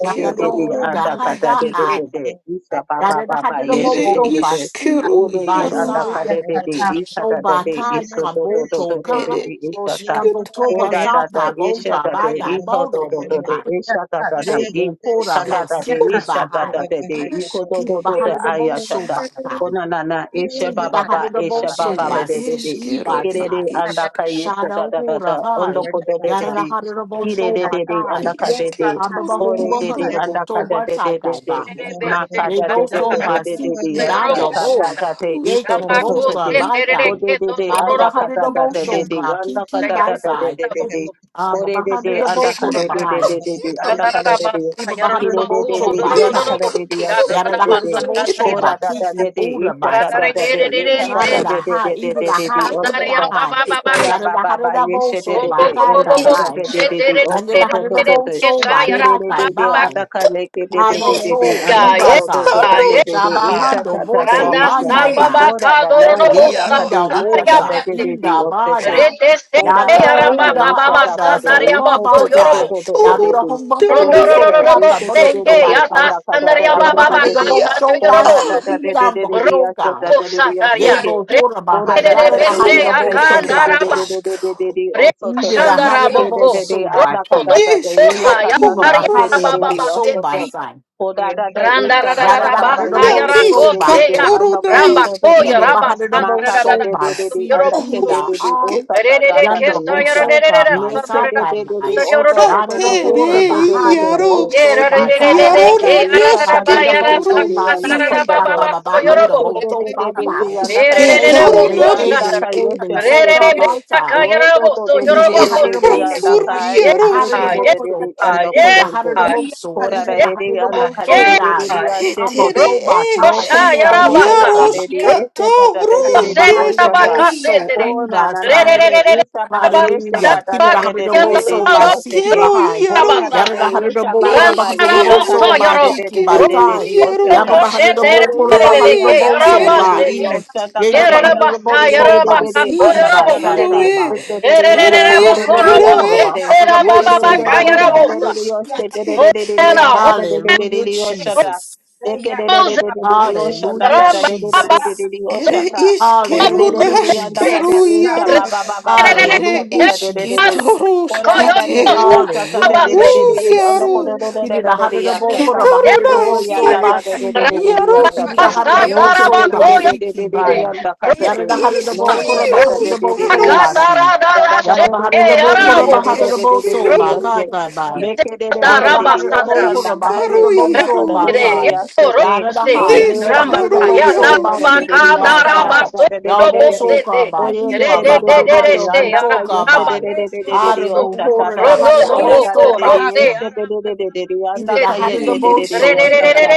Speaker 7: o de de de a
Speaker 6: Hoda
Speaker 7: da ka da
Speaker 6: Hada
Speaker 7: de de
Speaker 6: Ai,
Speaker 7: de de isha ba ba
Speaker 6: Dada
Speaker 7: ba ba
Speaker 6: Hadada
Speaker 2: ed
Speaker 7: isha de
Speaker 6: Boso
Speaker 7: de de
Speaker 6: Basiki
Speaker 7: o
Speaker 2: iskeru
Speaker 7: de de
Speaker 6: by
Speaker 7: a
Speaker 2: iaru,
Speaker 7: da ka
Speaker 6: Sai.
Speaker 7: de de de isha
Speaker 6: So
Speaker 7: da da de
Speaker 6: Bakai
Speaker 7: isha do do do
Speaker 6: Kaboto
Speaker 7: do do
Speaker 2: ed
Speaker 7: de
Speaker 6: Kai
Speaker 7: de isha
Speaker 2: isket,
Speaker 7: O
Speaker 6: Kabotoba
Speaker 7: da da da
Speaker 6: Sata
Speaker 7: isha
Speaker 6: Bota
Speaker 7: da de
Speaker 6: by Guy
Speaker 7: iko do
Speaker 6: Bodo
Speaker 7: do do de
Speaker 6: Bokai
Speaker 7: isha da da de i
Speaker 6: Raven Kora by
Speaker 7: kanda da de
Speaker 2: iskatoru
Speaker 6: Siki
Speaker 7: isha da
Speaker 6: Bahai
Speaker 7: da
Speaker 2: iaru
Speaker 7: de de iko do
Speaker 2: aske,
Speaker 6: Tiba
Speaker 7: do do de
Speaker 6: Bahari the
Speaker 7: ayasha
Speaker 6: Boso
Speaker 7: da
Speaker 6: Bakai
Speaker 7: ona na na isha
Speaker 6: Tiba
Speaker 7: ba ba
Speaker 6: Bahari
Speaker 7: ba
Speaker 6: the
Speaker 7: isha ba
Speaker 2: ed
Speaker 6: Boso
Speaker 7: ba ba
Speaker 6: by
Speaker 7: de de de
Speaker 6: CE by
Speaker 2: iskeru,
Speaker 7: kire
Speaker 2: ed
Speaker 7: de
Speaker 6: side
Speaker 7: anda
Speaker 1: Thank
Speaker 2: isk,
Speaker 7: ka isha da
Speaker 6: Shadow
Speaker 7: da da
Speaker 6: Hora
Speaker 7: da ondo
Speaker 6: Hai
Speaker 7: ko do de de
Speaker 6: Yara
Speaker 7: de
Speaker 6: Hari the
Speaker 7: kire
Speaker 6: Boso
Speaker 7: de
Speaker 6: by
Speaker 7: de de
Speaker 6: Guy
Speaker 7: anda ka de de
Speaker 6: Abba
Speaker 2: isketoru
Speaker 7: ore
Speaker 6: Humbo
Speaker 7: de
Speaker 2: iaru
Speaker 7: de
Speaker 6: Hundo
Speaker 7: anda ka
Speaker 6: Boto
Speaker 7: da de
Speaker 6: Batai
Speaker 7: de de de
Speaker 6: Guy
Speaker 7: ma ka
Speaker 6: Ye
Speaker 7: da de de
Speaker 6: goso
Speaker 7: de de de
Speaker 6: basiki
Speaker 7: de de
Speaker 2: It
Speaker 7: yasha
Speaker 6: dando
Speaker 7: ta
Speaker 2: is
Speaker 7: ta
Speaker 6: bo.
Speaker 7: ta de
Speaker 6: Ye
Speaker 7: iko do
Speaker 2: Karuskito.
Speaker 7: do
Speaker 6: convulsa
Speaker 7: de O
Speaker 6: baikai.
Speaker 7: de de de
Speaker 6: Baba
Speaker 7: anda ka
Speaker 6: bahadi
Speaker 7: de
Speaker 6: do
Speaker 7: de
Speaker 6: bo
Speaker 7: de de de de
Speaker 6: shoka.
Speaker 7: anda ka
Speaker 6: Kiki
Speaker 7: de de de
Speaker 6: baisai.
Speaker 7: de de de O
Speaker 6: Baba
Speaker 7: de de
Speaker 6: bahadi
Speaker 7: de
Speaker 6: do bo
Speaker 7: anda ka
Speaker 6: kora
Speaker 7: de
Speaker 2: Iskito.
Speaker 7: de de
Speaker 6: bahai.
Speaker 7: de de de
Speaker 2: Hero
Speaker 7: anda ka de
Speaker 2: is
Speaker 7: de
Speaker 6: Iba
Speaker 7: ki
Speaker 6: bahadi do
Speaker 7: de
Speaker 5: Yarabo,
Speaker 7: de
Speaker 6: bo sho
Speaker 7: de de ya na ka
Speaker 6: basai.
Speaker 7: de
Speaker 5: Rodorabo,
Speaker 7: de
Speaker 2: Nishkito.
Speaker 7: ya
Speaker 5: Sira,
Speaker 7: se
Speaker 6: Yada
Speaker 7: de
Speaker 6: da
Speaker 7: de
Speaker 6: hadi
Speaker 7: de
Speaker 6: do
Speaker 5: Rabasa,
Speaker 6: bo
Speaker 2: Ruskito.
Speaker 6: show
Speaker 7: ko
Speaker 6: ba.
Speaker 7: ra
Speaker 5: Catariaba,
Speaker 7: de
Speaker 6: Kiki
Speaker 7: de de
Speaker 6: ora
Speaker 7: isha de
Speaker 5: Radare
Speaker 6: basai.
Speaker 7: de de
Speaker 5: dere dere
Speaker 7: isha de
Speaker 5: se
Speaker 6: Shara da
Speaker 7: de de
Speaker 6: hai.
Speaker 7: de de
Speaker 6: Ibi
Speaker 7: de
Speaker 6: da
Speaker 7: de de
Speaker 5: tara
Speaker 6: hai.
Speaker 7: o
Speaker 2: Ruskito.
Speaker 5: andare
Speaker 6: Ibi
Speaker 5: ya
Speaker 6: da
Speaker 7: sha
Speaker 6: hai.
Speaker 5: baba baba
Speaker 7: Ora
Speaker 6: Yada da
Speaker 7: baba
Speaker 6: hadi
Speaker 7: ba
Speaker 6: da bo
Speaker 7: yeshe de
Speaker 6: show
Speaker 7: de
Speaker 5: rombo
Speaker 6: ba.
Speaker 7: de
Speaker 5: bo
Speaker 6: Kai
Speaker 5: bo
Speaker 2: It
Speaker 7: onda
Speaker 5: bo
Speaker 6: kai
Speaker 5: bo
Speaker 2: is
Speaker 7: kada
Speaker 6: bai.
Speaker 7: de de
Speaker 5: se
Speaker 7: de de
Speaker 5: dere
Speaker 6: Yada
Speaker 7: oso
Speaker 6: da
Speaker 5: dere
Speaker 7: to
Speaker 6: hadi
Speaker 7: to
Speaker 6: do
Speaker 5: dere
Speaker 7: to
Speaker 6: bo
Speaker 7: de
Speaker 6: show
Speaker 5: esa
Speaker 6: ba.
Speaker 5: ya
Speaker 7: de de
Speaker 6: Kai
Speaker 7: de
Speaker 6: kai
Speaker 7: de de
Speaker 5: baba
Speaker 6: bai.
Speaker 7: anda kane ke de de de de de
Speaker 6: Aboso
Speaker 7: anda
Speaker 5: ga ye
Speaker 7: kodo do do
Speaker 6: Ibasai.
Speaker 5: ga
Speaker 7: do
Speaker 2: Katano
Speaker 7: de
Speaker 5: ye
Speaker 7: de de
Speaker 2: Ia.
Speaker 7: isa
Speaker 6: Shabahando
Speaker 7: ta ta de
Speaker 6: Boso
Speaker 5: Randa
Speaker 7: isa
Speaker 6: Basai
Speaker 5: samba
Speaker 6: Bai.
Speaker 7: ora da
Speaker 5: bakado
Speaker 2: Katano
Speaker 7: na
Speaker 5: robo
Speaker 7: yanda
Speaker 2: Iaro.
Speaker 7: kade
Speaker 6: Dikinda
Speaker 7: isa
Speaker 5: sakanaria
Speaker 7: ta de
Speaker 6: Bosa
Speaker 7: de de
Speaker 5: basete.
Speaker 7: de
Speaker 6: Inda
Speaker 7: ose te
Speaker 6: Bada.
Speaker 5: Rete se
Speaker 7: ora
Speaker 6: Yada the
Speaker 7: baba ba
Speaker 5: aramba
Speaker 6: Honda
Speaker 5: baba
Speaker 7: yeshe ta ta
Speaker 6: Ada
Speaker 7: de
Speaker 5: basandaria
Speaker 6: Soka
Speaker 7: isa
Speaker 5: bako
Speaker 7: to to to
Speaker 5: yorobo.
Speaker 6: Basai.
Speaker 7: to de de
Speaker 6: Yada
Speaker 2: Kato
Speaker 7: de
Speaker 6: the
Speaker 7: de
Speaker 6: Honda
Speaker 5: Rondo
Speaker 7: ora
Speaker 2: Dade
Speaker 7: da
Speaker 6: Boso
Speaker 7: de
Speaker 5: robo
Speaker 6: Kaka
Speaker 7: isa de
Speaker 5: se
Speaker 7: de de
Speaker 6: Bodondo
Speaker 5: ke
Speaker 7: de
Speaker 5: ya yata
Speaker 6: Basai.
Speaker 7: anda kada de
Speaker 5: sandaria
Speaker 7: de
Speaker 6: Baba
Speaker 7: de
Speaker 5: baba
Speaker 7: de
Speaker 6: Bahanda
Speaker 7: de
Speaker 6: the
Speaker 7: de
Speaker 5: bakasa
Speaker 2: Iaro.
Speaker 6: Boso
Speaker 7: ora
Speaker 5: yorobo.
Speaker 6: Bashi
Speaker 7: da
Speaker 2: Ah.
Speaker 7: da de de de de
Speaker 6: Kijambo
Speaker 5: Roko
Speaker 7: de asa
Speaker 6: Joka.
Speaker 7: ta de de de
Speaker 5: Rokosataria.
Speaker 7: ase
Speaker 6: Yebo Hora
Speaker 7: Oda
Speaker 6: Bahai.
Speaker 7: da da
Speaker 6: Yada
Speaker 7: da
Speaker 6: the
Speaker 7: da da
Speaker 5: Rebese
Speaker 6: Hada
Speaker 7: ya
Speaker 6: the
Speaker 2: Oh,
Speaker 7: se te
Speaker 6: Boso
Speaker 7: te
Speaker 2: it
Speaker 7: de de
Speaker 5: akandaraba.
Speaker 7: de
Speaker 6: Basai.
Speaker 2: is
Speaker 7: de de de de
Speaker 2: Karu.
Speaker 7: de oso to to
Speaker 6: Ida the
Speaker 7: do
Speaker 6: Hada the
Speaker 7: ke de de
Speaker 5: Rekashandaraboko.
Speaker 7: de
Speaker 6: Boso
Speaker 7: anda ka
Speaker 6: Bashi.
Speaker 7: da da de ye
Speaker 5: Rokodosa
Speaker 7: la ka da
Speaker 6: Kiba
Speaker 7: anda
Speaker 2: Nishkato
Speaker 7: ka
Speaker 5: yaria
Speaker 7: de de
Speaker 6: Bahada the
Speaker 7: de de
Speaker 2: Ruskite.
Speaker 6: Boso
Speaker 7: oso to
Speaker 5: bababasete.
Speaker 6: Basai.
Speaker 7: oda da da e sha ba
Speaker 6: Yada
Speaker 7: ba
Speaker 6: da
Speaker 7: ba ba
Speaker 6: hada da
Speaker 5: Randarararabasa
Speaker 7: ye
Speaker 6: bo
Speaker 7: se de de
Speaker 6: so
Speaker 2: Nanish
Speaker 7: de
Speaker 6: ba
Speaker 7: de de
Speaker 5: yarakosea.
Speaker 6: ken.
Speaker 2: Katoro
Speaker 7: anda ko to
Speaker 5: Ramba
Speaker 7: to to de
Speaker 5: koya
Speaker 6: Iba
Speaker 7: de
Speaker 6: ba hada da
Speaker 7: ma
Speaker 6: bo
Speaker 7: ka da
Speaker 6: so
Speaker 7: de
Speaker 6: ba
Speaker 7: de de
Speaker 5: rabasandarararakasu
Speaker 7: de
Speaker 6: si.
Speaker 7: anda ke
Speaker 5: yorobusu.
Speaker 7: de
Speaker 6: Ida
Speaker 7: de de
Speaker 2: Naiske.
Speaker 6: I.
Speaker 7: osa ta da
Speaker 5: Rerere
Speaker 7: da de
Speaker 6: Yanda
Speaker 5: kesa
Speaker 7: e
Speaker 6: bo
Speaker 7: sha
Speaker 6: so ka
Speaker 5: yararerere
Speaker 7: ne
Speaker 6: ba sa
Speaker 7: ke de
Speaker 6: ta
Speaker 7: de de de
Speaker 6: ba.
Speaker 7: oso
Speaker 2: Iska
Speaker 7: to
Speaker 6: Yada
Speaker 7: to to
Speaker 6: da
Speaker 7: de e
Speaker 2: tere
Speaker 5: sandararabakandariorodobusu.
Speaker 6: hora
Speaker 7: se de
Speaker 6: ba
Speaker 7: de de
Speaker 6: hada
Speaker 7: de
Speaker 6: da
Speaker 7: de de
Speaker 2: iaro
Speaker 6: bo so ba
Speaker 7: Ika
Speaker 6: ta
Speaker 7: da
Speaker 5: Yerarerere
Speaker 2: iaro
Speaker 7: da
Speaker 6: ta.
Speaker 7: de
Speaker 2: na
Speaker 5: ke
Speaker 7: e sa ta
Speaker 2: neske
Speaker 5: yarararaba
Speaker 7: de
Speaker 6: Handa da
Speaker 7: de de
Speaker 6: bo
Speaker 2: toro
Speaker 7: de
Speaker 6: so
Speaker 7: de
Speaker 5: yaradasha
Speaker 6: ba si
Speaker 7: anda ko
Speaker 6: ti
Speaker 2: iske
Speaker 7: to
Speaker 6: ba
Speaker 7: to
Speaker 6: ba
Speaker 5: dararabababa
Speaker 6: ba ba
Speaker 7: no
Speaker 6: handa
Speaker 5: soyorobo.
Speaker 6: bo so ba ta.
Speaker 2: neske
Speaker 6: Sacred
Speaker 2: toro na
Speaker 6: be a
Speaker 5: Ererererebokoshatara.
Speaker 6: be
Speaker 2: neske
Speaker 6: a be so ka ba ta.
Speaker 5: Rererebekakayaraboso,
Speaker 6: Ibi the heart of the
Speaker 2: iska
Speaker 6: boat
Speaker 5: yorobokosete.
Speaker 2: turu
Speaker 6: soul. Ibi
Speaker 5: Yeah,
Speaker 6: the
Speaker 2: iaro
Speaker 6: heart of the
Speaker 2: ska
Speaker 5: yeah,
Speaker 6: boat soul.
Speaker 1: you.
Speaker 6: Ibi
Speaker 5: yeah,
Speaker 6: the heart of the boat soul.
Speaker 1: Thank
Speaker 6: Ibi
Speaker 5: yeah,
Speaker 6: the heart of the boat soul die.
Speaker 5: yeah.
Speaker 2: ruske
Speaker 6: I'm a
Speaker 2: tere
Speaker 6: toba
Speaker 2: e
Speaker 6: ta inda
Speaker 5: Rokoshayarabasa.
Speaker 6: botoka
Speaker 2: iaro
Speaker 6: ba.
Speaker 2: ska toru
Speaker 6: i the
Speaker 5: Hosanna,
Speaker 6: heart of the
Speaker 2: deska
Speaker 6: boat
Speaker 8: Yeah.
Speaker 6: soul.
Speaker 5: Hosanna,
Speaker 7: Oh na
Speaker 6: Iba
Speaker 7: na na na
Speaker 6: sai.
Speaker 7: na
Speaker 8: Yes,
Speaker 7: Ishaba Yeshe
Speaker 6: Hallelujah.
Speaker 7: Kata
Speaker 6: Ibi
Speaker 7: da
Speaker 6: the
Speaker 7: de
Speaker 6: heart of
Speaker 7: de
Speaker 6: the
Speaker 7: de
Speaker 6: boat
Speaker 7: de
Speaker 8: yes,
Speaker 7: de
Speaker 6: soul
Speaker 7: de
Speaker 6: by
Speaker 2: naske
Speaker 6: Siki
Speaker 7: Oseke.
Speaker 2: ro
Speaker 6: Bahai.
Speaker 7: Oh da
Speaker 2: iaro
Speaker 7: da
Speaker 6: Yada
Speaker 7: de
Speaker 6: the heart of
Speaker 8: yes,
Speaker 6: the
Speaker 7: Yesha
Speaker 6: boat
Speaker 7: Baba
Speaker 6: kura
Speaker 7: Ba ba
Speaker 6: behind the
Speaker 2: iske
Speaker 7: Yesha
Speaker 6: boat
Speaker 2: ro
Speaker 6: soul
Speaker 7: Kata de
Speaker 6: by
Speaker 7: de de
Speaker 6: Kiki
Speaker 7: de
Speaker 2: iske
Speaker 7: de
Speaker 6: by
Speaker 7: de
Speaker 2: ro
Speaker 7: de
Speaker 6: Tai.
Speaker 7: de
Speaker 2: iaro
Speaker 6: Yaba
Speaker 7: Oskata.
Speaker 6: behind the
Speaker 7: Oh
Speaker 6: boat
Speaker 7: de
Speaker 6: kura
Speaker 2: na
Speaker 7: de de de
Speaker 6: behind the
Speaker 7: Anda
Speaker 6: boat
Speaker 2: iske
Speaker 7: Kata
Speaker 6: soul
Speaker 7: de de
Speaker 6: by
Speaker 2: ro.
Speaker 7: de
Speaker 6: E.
Speaker 7: Oskata
Speaker 6: Yaba
Speaker 7: Kata e.
Speaker 6: behind the
Speaker 7: De
Speaker 6: boat
Speaker 7: de de
Speaker 6: soul
Speaker 7: de
Speaker 6: by
Speaker 7: de de
Speaker 6: Siki
Speaker 7: Anda
Speaker 6: by
Speaker 7: Kata da
Speaker 6: Sai
Speaker 7: da de
Speaker 6: Kai
Speaker 7: e,
Speaker 2: Ishkeroe,
Speaker 6: by.
Speaker 7: de de de de Anda
Speaker 6: Hallelujah,
Speaker 2: ere
Speaker 7: Kodo do do de
Speaker 2: ishkeroe,
Speaker 6: Hallelujah.
Speaker 7: Yasete. De de de de de
Speaker 2: rusketo,
Speaker 7: de de de de de Oshete de
Speaker 2: ruskate,
Speaker 7: de de de de de Anda Kata de de de de
Speaker 6: Hallelujah,
Speaker 7: de Oshata.
Speaker 6: Jesus.
Speaker 7: De de de de de de de de Oshanda
Speaker 6: Hallelujah,
Speaker 7: da da de de de de de
Speaker 6: Jesus.
Speaker 7: de
Speaker 2: ere
Speaker 7: Oshata. Ore
Speaker 2: ishkero
Speaker 7: re re re
Speaker 6: Hallelujah,
Speaker 7: re yanda
Speaker 2: nashkero
Speaker 7: kade
Speaker 6: Jesus.
Speaker 7: yesha
Speaker 5: Ramba,
Speaker 2: iaro,
Speaker 7: ba ba ba ba ba yesha
Speaker 2: are
Speaker 6: Hallelujah,
Speaker 7: kade re re re re.
Speaker 2: ishketo
Speaker 6: Jesus.
Speaker 7: Ora da da
Speaker 2: ruskate,
Speaker 7: re re
Speaker 2: u,
Speaker 7: yasha kade re
Speaker 6: Hallelujah,
Speaker 2: ru
Speaker 7: re re re re.
Speaker 6: Jesus.
Speaker 7: Ando
Speaker 2: iaro,
Speaker 7: kore re re
Speaker 6: He
Speaker 7: re
Speaker 6: did
Speaker 7: re
Speaker 6: a
Speaker 7: re re
Speaker 6: hundred of all
Speaker 7: yasha
Speaker 6: put
Speaker 7: ta.
Speaker 6: up a
Speaker 2: ishketoro
Speaker 6: hundred of
Speaker 7: O
Speaker 6: all
Speaker 7: ya
Speaker 2: naške,
Speaker 6: soul
Speaker 7: da
Speaker 6: by
Speaker 7: da re re re
Speaker 6: sea.
Speaker 7: re re re
Speaker 6: He
Speaker 7: yasha
Speaker 6: did
Speaker 2: iaroske,
Speaker 7: ta.
Speaker 6: a hundred of
Speaker 7: No
Speaker 6: all
Speaker 7: se
Speaker 6: soul
Speaker 7: te re
Speaker 6: by
Speaker 7: re re
Speaker 6: sea
Speaker 7: re
Speaker 6: key
Speaker 7: re re re
Speaker 6: by.
Speaker 7: yanda kade
Speaker 2: ere
Speaker 6: Yada
Speaker 7: re.
Speaker 6: the hundred of all
Speaker 7: No
Speaker 6: put
Speaker 7: se
Speaker 6: up
Speaker 2: ishki
Speaker 6: a
Speaker 7: da da
Speaker 6: hundred
Speaker 7: re
Speaker 6: of
Speaker 7: re
Speaker 6: all
Speaker 7: re re
Speaker 6: soul
Speaker 2: ruskaro,
Speaker 6: by
Speaker 7: yanda.
Speaker 6: sea.
Speaker 7: Da da da
Speaker 6: Yada
Speaker 7: re
Speaker 6: the
Speaker 7: re re
Speaker 6: hundred of all
Speaker 7: yasha
Speaker 6: put
Speaker 7: te
Speaker 2: ere
Speaker 6: up a
Speaker 7: re re re
Speaker 6: hundred of
Speaker 7: re re
Speaker 6: all
Speaker 7: re re
Speaker 6: soul
Speaker 2: ishkero,
Speaker 7: re
Speaker 6: by. kai
Speaker 7: yasha.
Speaker 6: kai by.
Speaker 7: Make re re re re
Speaker 6: Yada the
Speaker 7: re re
Speaker 6: hundred of
Speaker 7: yasha
Speaker 6: both for
Speaker 7: anda
Speaker 6: them, a
Speaker 7: kaya
Speaker 2: ishkaro
Speaker 6: hundred of
Speaker 7: yasha
Speaker 6: both
Speaker 7: anda
Speaker 6: soul
Speaker 2: iaro,
Speaker 7: kade
Speaker 6: by
Speaker 7: re re re
Speaker 6: side.
Speaker 7: yasha te.
Speaker 6: Yada the high,
Speaker 7: Orere
Speaker 6: even a
Speaker 7: anda
Speaker 6: hundred of both
Speaker 7: kayete
Speaker 6: soul
Speaker 2: neshkaro
Speaker 7: de de
Speaker 6: by
Speaker 7: de de de de
Speaker 6: Kiki by
Speaker 7: yasanda
Speaker 6: side.
Speaker 7: kada de de de de
Speaker 6: Yabo
Speaker 7: de de.
Speaker 6: soka by
Speaker 7: Oye de
Speaker 6: Eva
Speaker 7: de de
Speaker 6: by
Speaker 7: de de de de
Speaker 6: Bahando bo
Speaker 7: anda
Speaker 6: soka
Speaker 7: kayete de
Speaker 5: Ramba,
Speaker 6: by.
Speaker 7: de de de de de
Speaker 6: I
Speaker 7: de
Speaker 6: don't know,
Speaker 7: yasta
Speaker 2: Esketo,
Speaker 6: hold it, a
Speaker 7: tata.
Speaker 6: hundred of
Speaker 5: Rondo
Speaker 7: Oda
Speaker 6: both
Speaker 7: da da
Speaker 6: soul
Speaker 5: Boko
Speaker 7: de de
Speaker 6: by Key.
Speaker 7: yeste de de
Speaker 5: Rose
Speaker 7: de de de de
Speaker 6: He
Speaker 7: anda
Speaker 6: did a
Speaker 2: ere
Speaker 6: hundred
Speaker 7: kayete
Speaker 6: of
Speaker 7: de de
Speaker 6: both
Speaker 7: de de
Speaker 6: soul.
Speaker 7: yasta
Speaker 2: iskero,
Speaker 7: tata.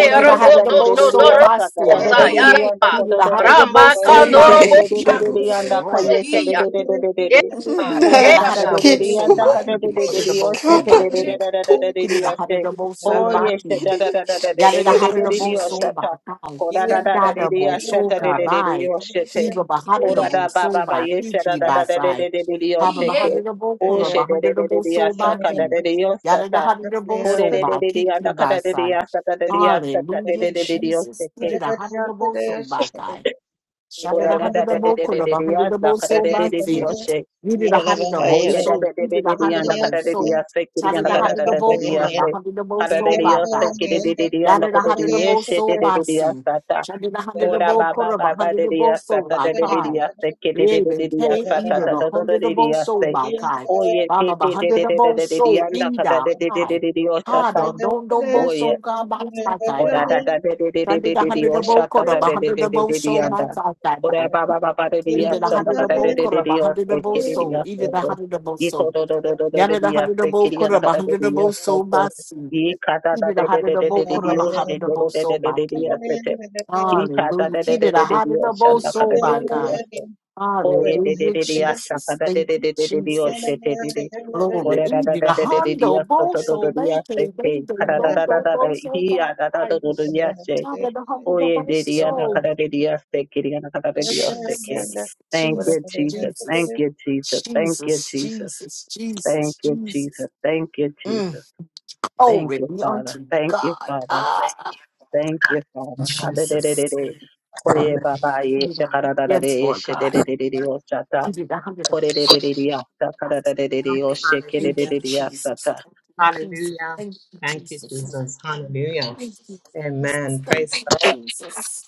Speaker 6: He did
Speaker 7: da
Speaker 6: a
Speaker 7: da
Speaker 8: Yes,
Speaker 7: da
Speaker 6: hundred of
Speaker 7: de de
Speaker 6: both
Speaker 7: de de
Speaker 6: soul by
Speaker 7: yasta tata
Speaker 6: Steve.
Speaker 7: de de de de
Speaker 8: Iye,
Speaker 7: yanda
Speaker 6: He did
Speaker 7: kada
Speaker 6: a
Speaker 7: de de.
Speaker 6: hundred of
Speaker 1: you.
Speaker 5: Ramba
Speaker 6: both
Speaker 7: Oye
Speaker 6: soul
Speaker 7: de
Speaker 2: ere
Speaker 8: iye,
Speaker 7: de
Speaker 6: by
Speaker 5: kandoro
Speaker 7: de
Speaker 5: bo
Speaker 6: Key.
Speaker 7: de de de de
Speaker 2: iaro,
Speaker 6: James,
Speaker 1: Yeah,
Speaker 7: anda
Speaker 6: right.
Speaker 7: kayete de
Speaker 5: sikeya.
Speaker 8: iye,
Speaker 7: de de de de de.
Speaker 6: He
Speaker 7: Ora
Speaker 6: did
Speaker 5: Yeah,
Speaker 6: a
Speaker 7: da da
Speaker 8: karaba,
Speaker 5: yeah.
Speaker 6: hundred
Speaker 7: de
Speaker 6: of
Speaker 7: de de
Speaker 6: both
Speaker 2: nasketo,
Speaker 6: soul
Speaker 7: yanda
Speaker 6: by
Speaker 7: ka
Speaker 6: Key.
Speaker 7: de
Speaker 6: He
Speaker 7: de
Speaker 6: did
Speaker 7: de
Speaker 6: a
Speaker 7: de
Speaker 6: hundred
Speaker 7: de
Speaker 6: of both
Speaker 7: yoshe
Speaker 6: soul
Speaker 7: te
Speaker 8: iye,
Speaker 6: by
Speaker 7: de de de
Speaker 6: Key.
Speaker 7: da da da
Speaker 2: iskaraskato,
Speaker 7: de de
Speaker 6: He
Speaker 7: de
Speaker 6: did a hundred
Speaker 7: yoshe.
Speaker 6: of both soul
Speaker 7: Oh
Speaker 6: by
Speaker 7: yes te
Speaker 6: Key.
Speaker 7: da
Speaker 2: ere
Speaker 7: da da da da de de
Speaker 6: Yarada
Speaker 7: de de de de de
Speaker 6: Harinabo
Speaker 7: yoshe
Speaker 8: iye,
Speaker 2: iskiaroskato,
Speaker 6: Soba
Speaker 7: ta.
Speaker 6: Kai,
Speaker 7: Ora da da da de de
Speaker 6: Dadabo
Speaker 8: iye,
Speaker 7: yoshe ta de
Speaker 6: Soka
Speaker 7: de de de
Speaker 6: Bai,
Speaker 7: yoshe te.
Speaker 6: Eva
Speaker 2: isketo.
Speaker 7: Ora da
Speaker 6: Baharinabo
Speaker 7: ba ba ba
Speaker 6: Soba,
Speaker 7: yes te da
Speaker 6: Fiji
Speaker 7: da da da de
Speaker 6: Basai,
Speaker 7: de de de de
Speaker 8: iye,
Speaker 6: Haba
Speaker 7: yoshe
Speaker 8: iye,
Speaker 7: te.
Speaker 6: Baharinabo
Speaker 7: Oh
Speaker 6: Kura
Speaker 7: she de de de de
Speaker 6: Baharinabo
Speaker 7: de yasa
Speaker 6: Soba
Speaker 7: ka da
Speaker 6: Ki,
Speaker 7: de de yoshe
Speaker 6: Yarada
Speaker 7: ta.
Speaker 6: Harinabo
Speaker 7: Ore de de
Speaker 6: Soba,
Speaker 7: de de
Speaker 6: Kiki
Speaker 7: yanda ka da de de
Speaker 6: Basai.
Speaker 7: yasa ta de de yasa ta de
Speaker 6: Hallelujah,
Speaker 7: de de de de yoshe
Speaker 6: Jesus. He
Speaker 7: te.
Speaker 6: Did a Harinabo Soba Kai. Shada
Speaker 7: Ora
Speaker 6: da
Speaker 7: da da
Speaker 6: hundred
Speaker 7: da
Speaker 6: of
Speaker 7: de
Speaker 6: bow,
Speaker 7: de de
Speaker 6: could
Speaker 7: de
Speaker 6: a
Speaker 7: de
Speaker 6: hundred of
Speaker 7: yasa
Speaker 6: bow
Speaker 7: ka da
Speaker 6: so
Speaker 7: de de
Speaker 6: by
Speaker 7: de de
Speaker 6: sea.
Speaker 7: yoshe.
Speaker 6: You did a hundred of
Speaker 7: Oh
Speaker 6: bow
Speaker 7: yeah, da
Speaker 6: soul,
Speaker 7: da da
Speaker 6: you
Speaker 7: da
Speaker 6: did a
Speaker 7: da da
Speaker 6: hundred
Speaker 7: and
Speaker 6: the
Speaker 7: da
Speaker 6: bow
Speaker 7: da da
Speaker 6: so.
Speaker 7: da se kiri and
Speaker 6: Shada
Speaker 7: da
Speaker 6: da
Speaker 7: da da da
Speaker 6: hundred of
Speaker 7: da
Speaker 6: bow, could
Speaker 7: da
Speaker 6: a
Speaker 7: se
Speaker 6: hundred of bow
Speaker 7: da da
Speaker 6: so by
Speaker 7: da se
Speaker 6: five.
Speaker 7: kiri da da da and da
Speaker 6: Yada da
Speaker 7: da da
Speaker 6: hundred of
Speaker 7: ye
Speaker 6: bow
Speaker 7: she da say
Speaker 6: soul,
Speaker 7: da
Speaker 6: by
Speaker 7: da da
Speaker 6: sea.
Speaker 7: sa ta
Speaker 6: Shada da hundred of
Speaker 7: ora ba ba
Speaker 6: Bokura, the bow, could a
Speaker 7: ba ba
Speaker 6: hundred
Speaker 7: da
Speaker 6: of bow
Speaker 7: da sa
Speaker 6: so
Speaker 7: ta
Speaker 6: by
Speaker 7: da da da
Speaker 6: five.
Speaker 7: da se kiri da
Speaker 6: Yeah,
Speaker 7: da
Speaker 6: they
Speaker 7: da da
Speaker 6: came
Speaker 7: sa ta
Speaker 6: either
Speaker 7: da
Speaker 6: the
Speaker 7: da da
Speaker 6: hundred the
Speaker 7: da
Speaker 6: bow
Speaker 7: da
Speaker 6: so
Speaker 7: se
Speaker 6: by five.
Speaker 7: oh yeah da
Speaker 6: Baba ba
Speaker 7: da da
Speaker 6: hundred
Speaker 7: da
Speaker 6: the
Speaker 7: da
Speaker 6: bow
Speaker 7: da da da
Speaker 6: so
Speaker 7: and da da
Speaker 6: either
Speaker 7: da da
Speaker 6: high.
Speaker 7: da da sa
Speaker 6: Hard on, don't don't bow
Speaker 7: ta
Speaker 6: so god by five
Speaker 7: Ora
Speaker 6: by.
Speaker 7: da da de de de de
Speaker 6: Under
Speaker 7: de
Speaker 6: the
Speaker 7: de de
Speaker 6: hundred of
Speaker 7: osha
Speaker 6: both
Speaker 7: ta
Speaker 6: quarter,
Speaker 7: ta
Speaker 6: a
Speaker 7: de de
Speaker 6: hundred
Speaker 7: de
Speaker 6: of
Speaker 7: de
Speaker 6: both
Speaker 7: de de
Speaker 6: soul by
Speaker 7: anda.
Speaker 6: side
Speaker 7: Ora
Speaker 6: by.
Speaker 7: ba
Speaker 1: Yeah.
Speaker 7: ba ba ba de de
Speaker 6: Either the
Speaker 7: action da
Speaker 6: hundred of
Speaker 7: da de
Speaker 6: both
Speaker 7: de de
Speaker 6: quarter, a
Speaker 7: de
Speaker 6: hundred of
Speaker 7: osho
Speaker 6: both
Speaker 7: kiri de
Speaker 6: soul, either
Speaker 7: osho
Speaker 6: the
Speaker 7: ko.
Speaker 6: hundred of both soul.
Speaker 7: Iko do do do do do de
Speaker 6: Yana the
Speaker 7: de
Speaker 6: hundred
Speaker 7: osho
Speaker 6: of both
Speaker 7: kiri
Speaker 6: quarter,
Speaker 7: anda da
Speaker 6: a
Speaker 7: de
Speaker 6: hundred of
Speaker 7: de
Speaker 6: both
Speaker 7: osho
Speaker 6: soul by
Speaker 7: ko.
Speaker 6: sea.
Speaker 7: Ika da da
Speaker 6: Either the
Speaker 7: de de
Speaker 6: hundred
Speaker 7: de
Speaker 6: of
Speaker 7: de de
Speaker 6: both
Speaker 7: de
Speaker 6: quarter,
Speaker 7: de
Speaker 6: a
Speaker 7: osho
Speaker 6: hundred of
Speaker 7: ko do
Speaker 6: both
Speaker 7: de
Speaker 6: soul
Speaker 7: de de
Speaker 6: by
Speaker 7: de de
Speaker 6: king.
Speaker 7: osho te. Ika da
Speaker 6: Hallelujah.
Speaker 7: da de
Speaker 6: He
Speaker 7: de
Speaker 6: did a
Speaker 7: de de de
Speaker 6: hundred of
Speaker 7: osho
Speaker 6: both
Speaker 7: da da
Speaker 6: soul
Speaker 7: de
Speaker 6: by
Speaker 7: de de
Speaker 6: guy.
Speaker 7: osho. O e de de
Speaker 6: Hallelujah,
Speaker 7: de de asha da
Speaker 6: Jesus.
Speaker 7: da de
Speaker 6: Thank
Speaker 7: de
Speaker 6: you,
Speaker 7: de de
Speaker 1: I'm
Speaker 7: de
Speaker 6: Jesus.
Speaker 7: osho te de de.
Speaker 6: Glory.
Speaker 7: Ola da
Speaker 6: Even
Speaker 7: da
Speaker 6: the
Speaker 7: da da da da
Speaker 6: Hondo,
Speaker 7: da, so so so so
Speaker 6: Boso, Bacon, Baby,
Speaker 7: da da da
Speaker 6: Dodo,
Speaker 7: da, he he
Speaker 6: Boso,
Speaker 7: he da
Speaker 6: God.
Speaker 7: da da da da, he he he da da da da
Speaker 6: I-
Speaker 7: da,
Speaker 6: Father, the Hondo,
Speaker 7: oye da da da
Speaker 6: Boso.
Speaker 7: da da da da, so so so so da da da da,
Speaker 6: Jesus,
Speaker 7: thank you
Speaker 6: Jesus,
Speaker 7: Jesus, thank
Speaker 6: Jesus,
Speaker 7: you Jesus, thank you
Speaker 6: Jesus,
Speaker 7: Jesus,
Speaker 6: Jesus,
Speaker 7: thank
Speaker 6: Jesus,
Speaker 7: you
Speaker 6: Jesus.
Speaker 7: Jesus, thank you
Speaker 6: Mm,
Speaker 7: Jesus, thank
Speaker 6: glory
Speaker 7: you
Speaker 6: be
Speaker 7: Father,
Speaker 6: unto
Speaker 7: thank you
Speaker 6: God.
Speaker 7: Father,
Speaker 6: Ah,
Speaker 7: thank you Father. Ola da da da da
Speaker 6: Jesus.
Speaker 7: da, so so so so da da da da, oye babay, so so so
Speaker 6: Yes, Lord
Speaker 7: so da da da da, ola da da da da da, so so
Speaker 6: God.
Speaker 7: so
Speaker 6: Give you the hundred of us.
Speaker 7: so
Speaker 6: Thank you,
Speaker 4: Hallelujah.
Speaker 7: da da da
Speaker 6: Jesus.
Speaker 7: da.
Speaker 6: Thank you, Jesus.
Speaker 4: Hallelujah.
Speaker 6: Thank you,
Speaker 4: Thank you,
Speaker 6: Jesus.
Speaker 4: Jesus. Hallelujah.
Speaker 6: Thank you, Jesus.
Speaker 4: Amen.
Speaker 6: Thank
Speaker 4: Praise
Speaker 6: you,
Speaker 4: God.
Speaker 6: Jesus.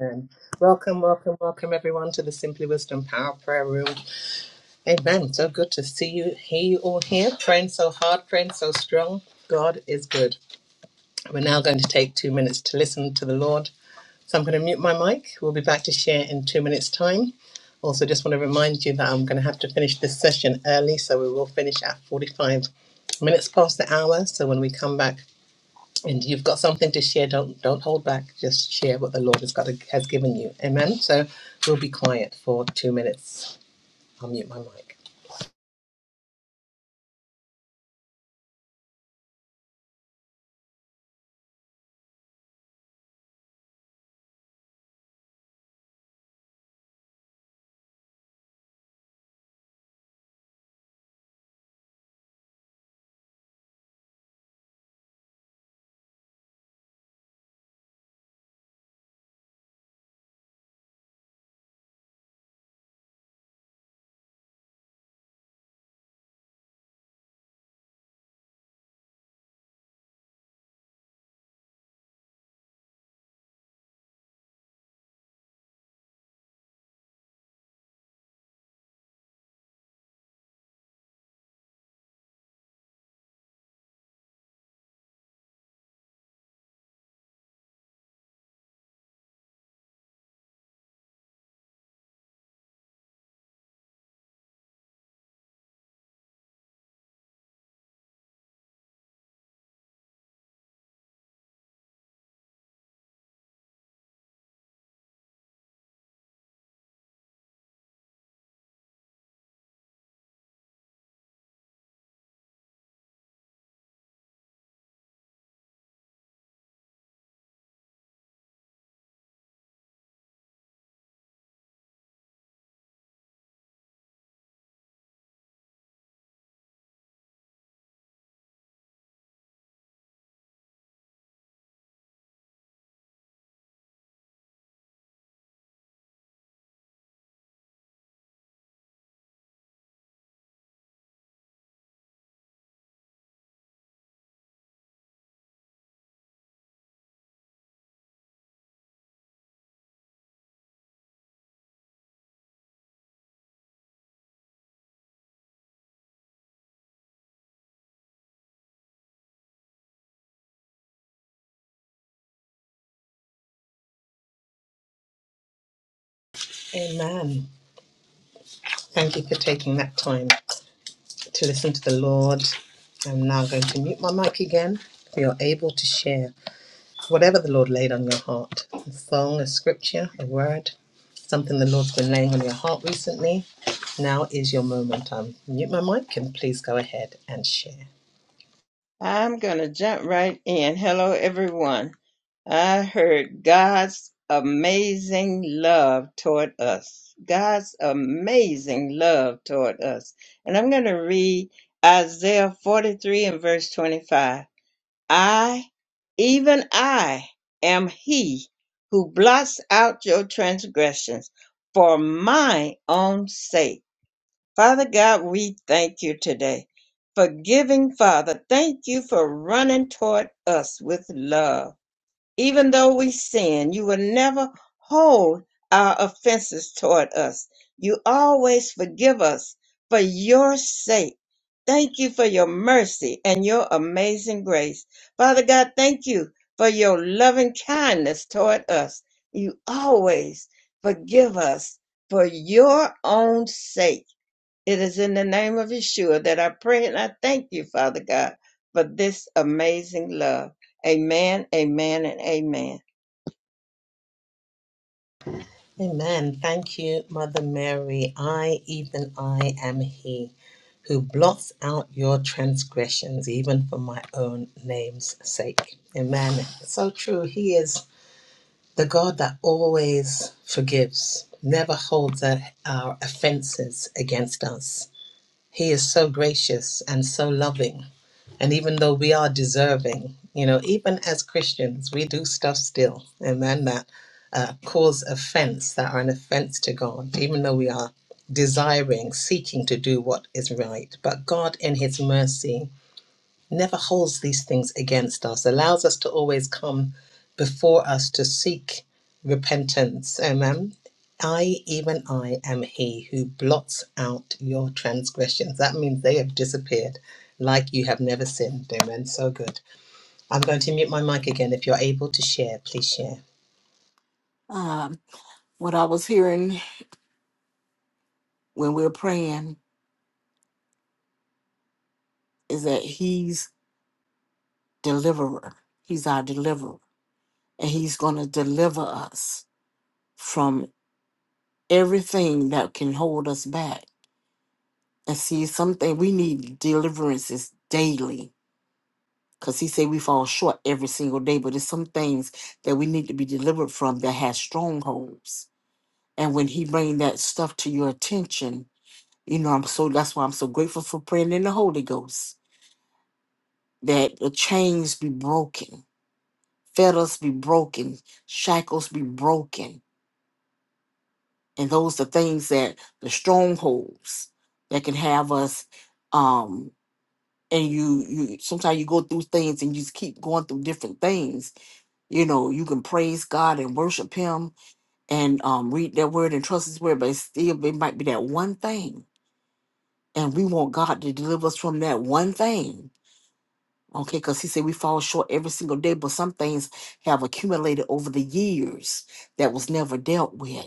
Speaker 4: Amen. Welcome, welcome, welcome, everyone, to the Simply Wisdom Power Prayer Room. Amen. So good to see you, hear you all here, praying so hard, praying so strong. God is good. We're now going to take two minutes to listen to the Lord So I'm going to mute my mic. We'll be back to share in two minutes' time. Also, just want to remind you that I'm going to have to finish this session early, so we will finish at 45 minutes past the hour. So when we come back and you've got something to share, don't don't hold back. Just share what the Lord has got has given you. Amen. So we'll be quiet for two minutes. I'll mute my mic. Amen. Thank you for taking that time to listen to the Lord. I'm now going to mute my mic again. If you're able to share. whatever the Lord laid on your heart a song, a scripture, a word, something the Lord's been laying on your heart recently. Now is your moment. I'll mute my mic and please go ahead and share.
Speaker 1: going to jump right in. Hello, everyone. I heard God's amazing love toward us. God's amazing love toward us. And I'm going to read Isaiah 43 and verse 25. I, even I, am he who blots out your transgressions for my own sake. Father God, we thank you today. Forgiving Father, thank you for running toward us with love even though we sin, you will never hold our offenses toward us. You always forgive us for your sake. Thank you for your mercy and your amazing grace. Father God, thank you for your loving kindness toward us. You always forgive us for your own sake. It is in the name of Yeshua that I pray and I thank you, Father God, for this amazing love. Amen, amen, and amen.
Speaker 4: Amen. Thank you, Mother Mary. I, even I, am He who blots out your transgressions, even for my own name's sake. Amen. So true. He is the God that always forgives, never holds our offenses against us He is so gracious and so loving. And even though we are deserving, you know, even as Christians, we do stuff still, amen, that uh, cause offense, that are an offense to God, even though we are desiring, seeking to do what is right. But God, in His mercy, never holds these things against us, allows us to always come before us to seek repentance. Amen. I, even I, am he who blots out your transgressions. That means they have disappeared like you have never sinned. Amen. So good. I'm going to mute my mic again. If you're able to share, please share.
Speaker 6: Um, what I was hearing when we were praying is that He's deliverer. He's our deliverer. and he's going to deliver us from everything that can hold us back. And see, something we need deliverances daily because he said we fall short every single day, but there's some things that we need to be delivered from that has strongholds. And when he bring that stuff to your attention, you know, I'm so that's why I'm so grateful for praying in the Holy Ghost that the chains be broken, fetters be broken, shackles be broken and those are things that the strongholds that can have us um and you you sometimes you go through things and you just keep going through different things you know you can praise god and worship him and um read that word and trust his word but it's still it might be that one thing and we want god to deliver us from that one thing okay because he said we fall short every single day but some things have accumulated over the years that was never dealt with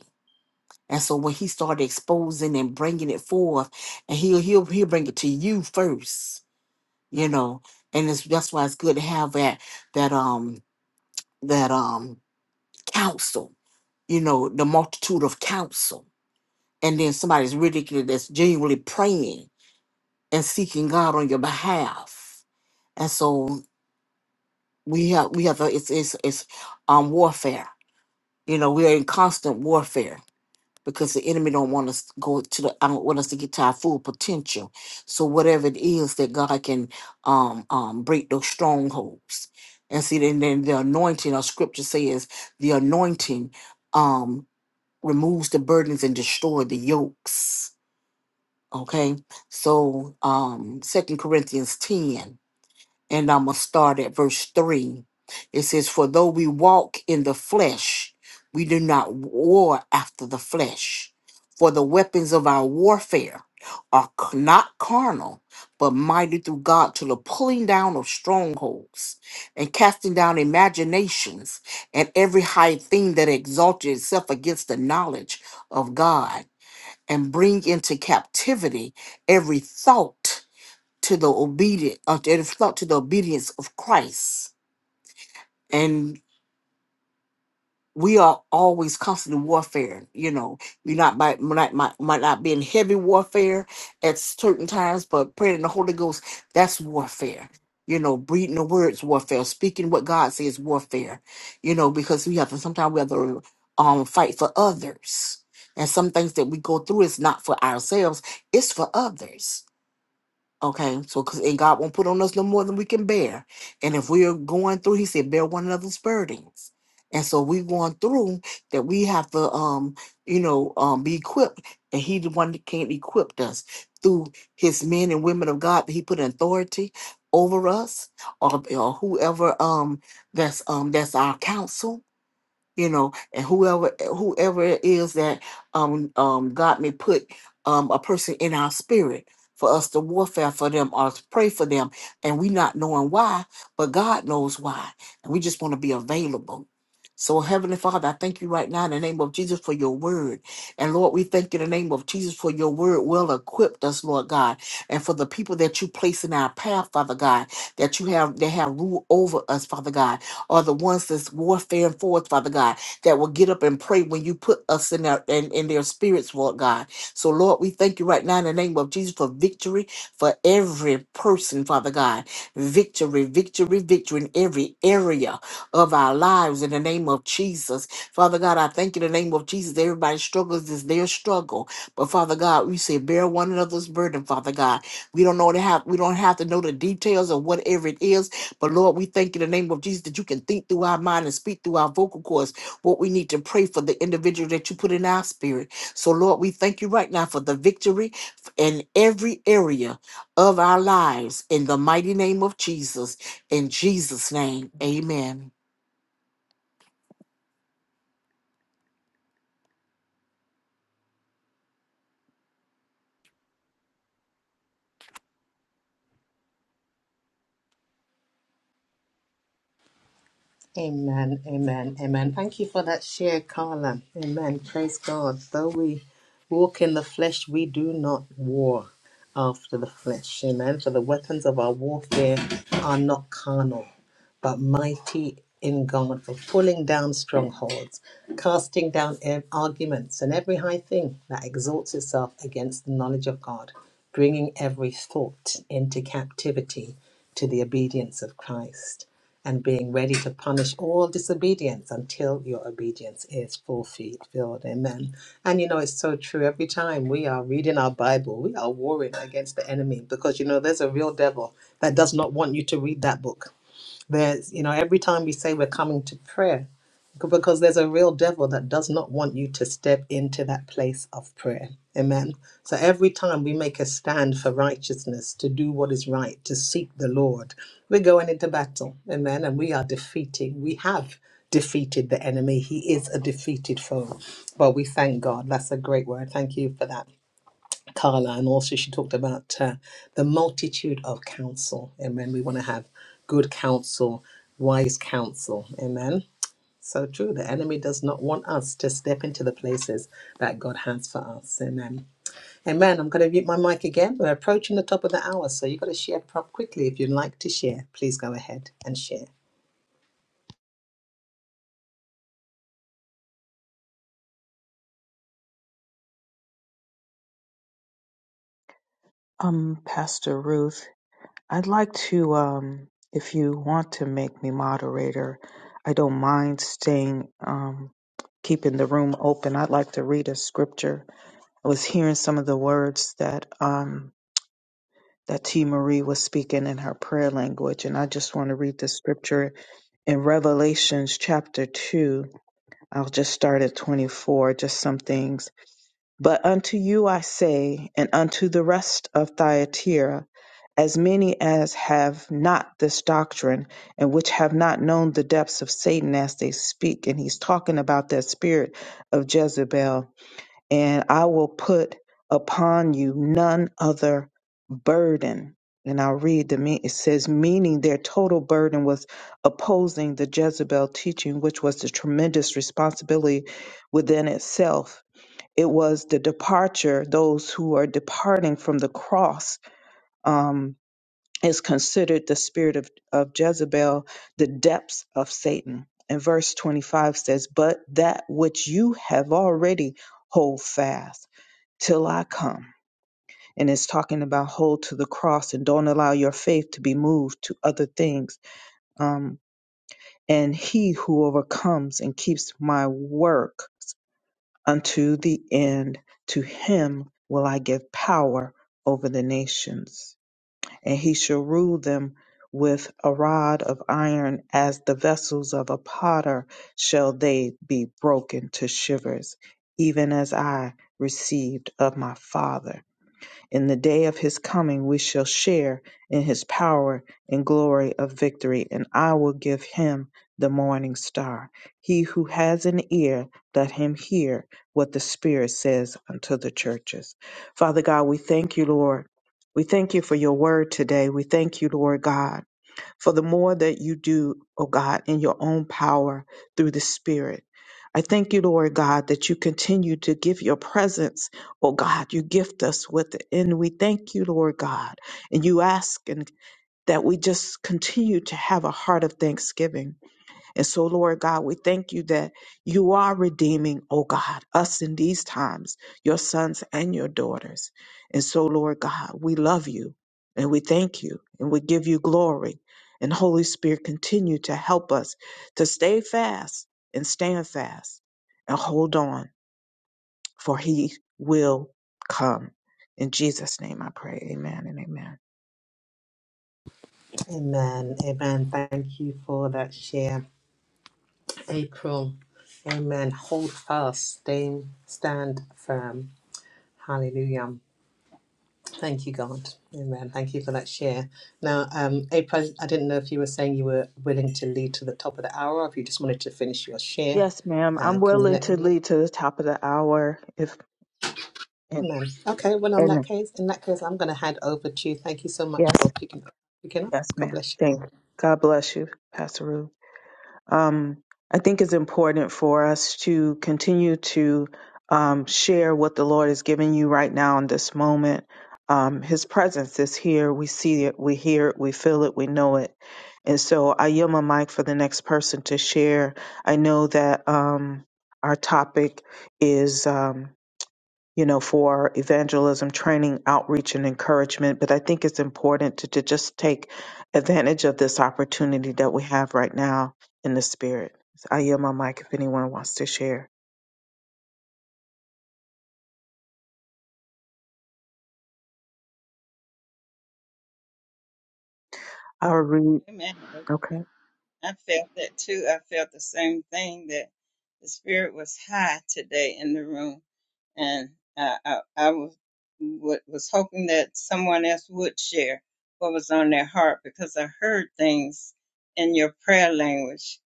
Speaker 6: And so when he started exposing and bringing it forth, and he'll he'll he'll bring it to you first, you know. And it's, that's why it's good to have that that um that um counsel, you know, the multitude of counsel. And then somebody's ridiculous that's genuinely praying and seeking God on your behalf. And so we have we have a, it's it's it's um warfare. You know, we are in constant warfare because the enemy don't want us to go to the I don't want us to get to our full potential. So whatever it is that God can um um break those strongholds. And see then then the anointing our scripture says the anointing um removes the burdens and destroy the yokes. Okay. So um Second Corinthians 10 and I'm going to start at verse 3. It says, For though we walk in the flesh, we do not war after the flesh. For the weapons of our warfare are c- not carnal, but mighty through God to the pulling down of strongholds and casting down imaginations and every high thing that exalted itself against the knowledge of God, and bring into captivity every thought to the obedient, uh, it is felt to the obedience of Christ. And we are always constantly warfare. You know, we not might might might, might not be in heavy warfare at certain times, but praying in the Holy Ghost, that's warfare. You know, breathing the words warfare, speaking what God says warfare. You know, because we have to sometimes we have to um fight for others. And some things that we go through is not for ourselves, it's for others Okay, so because and God won't put on us no more than we can bear, and if we are going through, He said, bear one another's burdens, and so we are going through that we have to, um, you know, um, be equipped, and He the one that can't equip us through His men and women of God that He put in authority over us, or or whoever um that's um that's our counsel you know, and whoever whoever it is that um um God may put um a person in our spirit for us to warfare for them or to pray for them, and we not knowing why, but God knows why, and we just want to be available. So, Heavenly Father, I thank you right now in the name of Jesus for your word. And Lord, we thank you in the name of Jesus for your word well equipped us, Lord God, and for the people that you place in our path, Father God, that you have that have rule over us, Father God are the ones that's warfaring forth, Father God, that will get up and pray when you put us in their in, in their spirits, Lord God. So Lord, we thank you right now in the name of Jesus for victory for every person, Father God. Victory, victory, victory in every area of our lives in the name of Jesus. Father God, I thank you in the name of Jesus. Everybody's struggles is their struggle. But Father God, we say bear one another's burden, Father God. We don't know to have we don't have to know the details of whatever it is but Lord, we thank you in the name of Jesus that you can think through our mind and speak through our vocal cords what we need to pray for the individual that you put in our spirit. So, Lord, we thank you right now for the victory in every area of our lives in the mighty name of Jesus. In Jesus' name, amen.
Speaker 4: Amen, amen, amen. Thank you for that share, Carla. Amen. Praise God. Though we walk in the flesh, we do not war after the flesh. Amen. For the weapons of our warfare are not carnal, but mighty in God for pulling down strongholds, casting down ev- arguments and every high thing that exalts itself against the knowledge of God, bringing every thought into captivity to the obedience of Christ and being ready to punish all disobedience until your obedience is fulfilled. Amen. And you know, it's so true. Every time we are reading our Bible, we are warring against the enemy because you know, there's a real devil that does not want you to read that book. There's, you know, every time we say we're coming to prayer, because there's a real devil that does not want you to step into that place of prayer. Amen. So every time we make a stand for righteousness, to do what is right, to seek the Lord, we're going into battle. Amen. And we are defeating, we have defeated the enemy. He is a defeated foe. But we thank God. That's a great word. Thank you for that. Carla, and also she talked about uh, the multitude of counsel. Amen. We want to have good counsel, wise counsel. Amen. So true. The enemy does not want us to step into the places that God has for us. Amen. Amen. I'm going to mute my mic again. We're approaching the top of the hour, so you've got to share prop quickly. If you'd like to share, please go ahead and share.
Speaker 3: um, Pastor Ruth. I'd like to, um, if you want to make me moderator, I don't mind staying, um, keeping the room open. I'd like to read a scripture. I was hearing some of the words that, um, that T. Marie was speaking in her prayer language, and I just want to read the scripture in Revelations chapter 2. I'll just start at 24, just something. But unto you I say, and unto the rest of Thyatira, as many as have not this doctrine, and which have not known the depths of Satan as they speak. And he's talking about that spirit of Jezebel. And I will put upon you none other burden. And I'll read the me it says, meaning their total burden was opposing the Jezebel teaching, which was the tremendous responsibility within itself it was the departure, those who are departing from the cross, um, is considered the spirit of, of Jezebel, the depths of Satan. And verse 25 says, But that which you have already hold fast till I come. And it's talking about hold to the cross and don't allow your faith to be moved to other things. Um, and he who overcomes and keeps my work unto the end. To him will I give power over the nations, and he shall rule them with a rod of iron, as the vessels of a potter shall they be broken to shivers, even as I received of my father. In the day of his coming, we shall share in his power and glory of victory, and I will give him the morning star. He who has an ear, let him hear what the Spirit says unto the churches. Father God, we thank you, Lord. We thank you for your word today. We thank you, Lord God for the more that you do, O God, in your own power through the Spirit. I thank you, Lord God, that you continue to give your presence. Oh God, you gift us with it. And we thank you, Lord God. And you ask and that we just continue to have a heart of thanksgiving and so, Lord God, we thank you that you are redeeming, oh God, us in these times, your sons and your daughters. And so, Lord God, we love you and we thank you and we give you glory. And Holy Spirit, continue to help us to stay fast and stand fast and hold on, for he will come. In Jesus' name I pray. Amen and amen.
Speaker 4: Amen. Amen. Thank you for that share, April. Amen. Hold fast, stay, stand firm. Hallelujah. Um, Thank you, God. Amen. Thank you for that share. Now, um, April, I didn't know if you were saying you were willing to lead to the top of the hour or if you just wanted to finish your share.
Speaker 3: Yes, ma'am.
Speaker 4: Uh,
Speaker 3: I'm
Speaker 4: can you
Speaker 3: willing
Speaker 4: let
Speaker 3: to
Speaker 4: me know?
Speaker 3: lead to the top of the hour if and
Speaker 4: No. Okay, well, on that
Speaker 3: and
Speaker 4: case, in that case, I'm going to hand over to you. Thank you so much for
Speaker 3: yes,
Speaker 4: picking up. Picking up.
Speaker 3: yes,
Speaker 4: God
Speaker 3: ma'am.
Speaker 4: bless you
Speaker 3: Thank
Speaker 4: all.
Speaker 3: God bless you, Pastor Ruth. um, I think it's important for us to continue to um, share what the Lord is giving you right now in this moment. Um, His presence is here. We see it, we hear it, we feel it, we know it. And so I yield my mic for the next person to share. I know that um, our topic is. Um, you know, for evangelism, training, outreach, and encouragement. But I think it's important to, to just take advantage of this opportunity that we have right now in the spirit. So I yield my mic if anyone wants to share. I'll read.
Speaker 1: Amen.
Speaker 3: Okay.
Speaker 1: I felt that too. I felt the same thing that the spirit was high today in the room, and I, I, I was wa- was hoping that someone else would share what was on their heart because I heard things in your prayer language,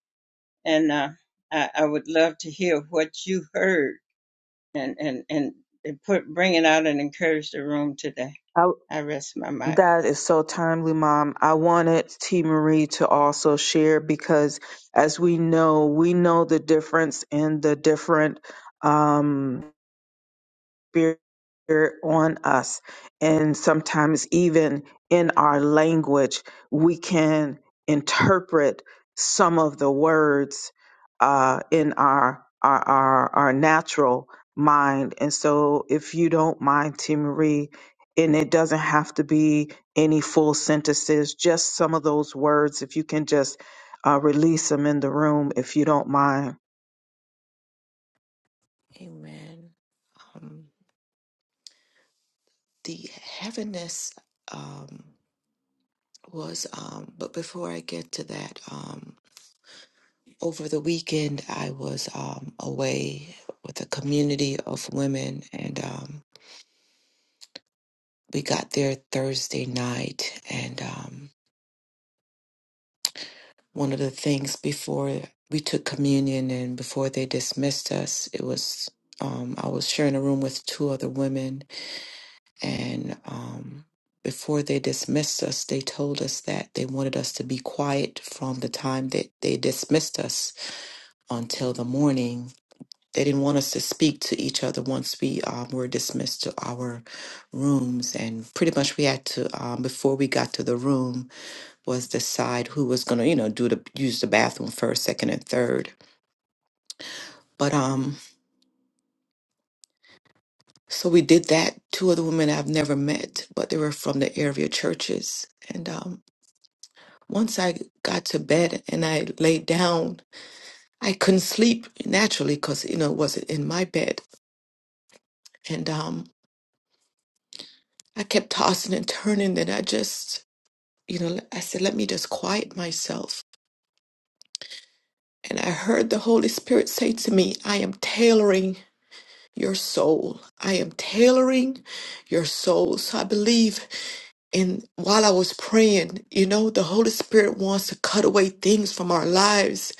Speaker 1: and uh, I, I would love to hear what you heard and and and and put bring it out and encourage the room today.
Speaker 3: I,
Speaker 1: I rest my mind.
Speaker 3: That is so timely, Mom. I wanted T. Marie to also share because, as we know, we know the difference in the different. Um, Spirit on us. And sometimes, even in our language, we can interpret some of the words uh, in our, our, our, our natural mind. And so, if you don't mind, T. Marie, and it doesn't have to be any full sentences, just some of those words, if you can just uh, release them in the room, if you don't mind.
Speaker 2: Amen. Um, the heaviness um, was, um, but before I get to that, um, over the weekend I was um, away with a community of women, and um, we got there Thursday night, and um, one of the things before we took communion and before they dismissed us, it was um, I was sharing a room with two other women, and um, before they dismissed us, they told us that they wanted us to be quiet from the time that they dismissed us until the morning. They didn't want us to speak to each other once we um, were dismissed to our rooms, and pretty much we had to um, before we got to the room was decide who was going to, you know, do the use the bathroom first, second, and third. But um, so we did that. Two other women I've never met, but they were from the area churches. And um, once I got to bed and I laid down, I couldn't sleep naturally because you know it wasn't in my bed. And um, I kept tossing and turning. And I just, you know, I said, let me just quiet myself. And I heard the Holy Spirit say to me, I am tailoring your soul. I am tailoring your soul. So I believe in while I was praying, you know, the Holy Spirit wants to cut away things from our lives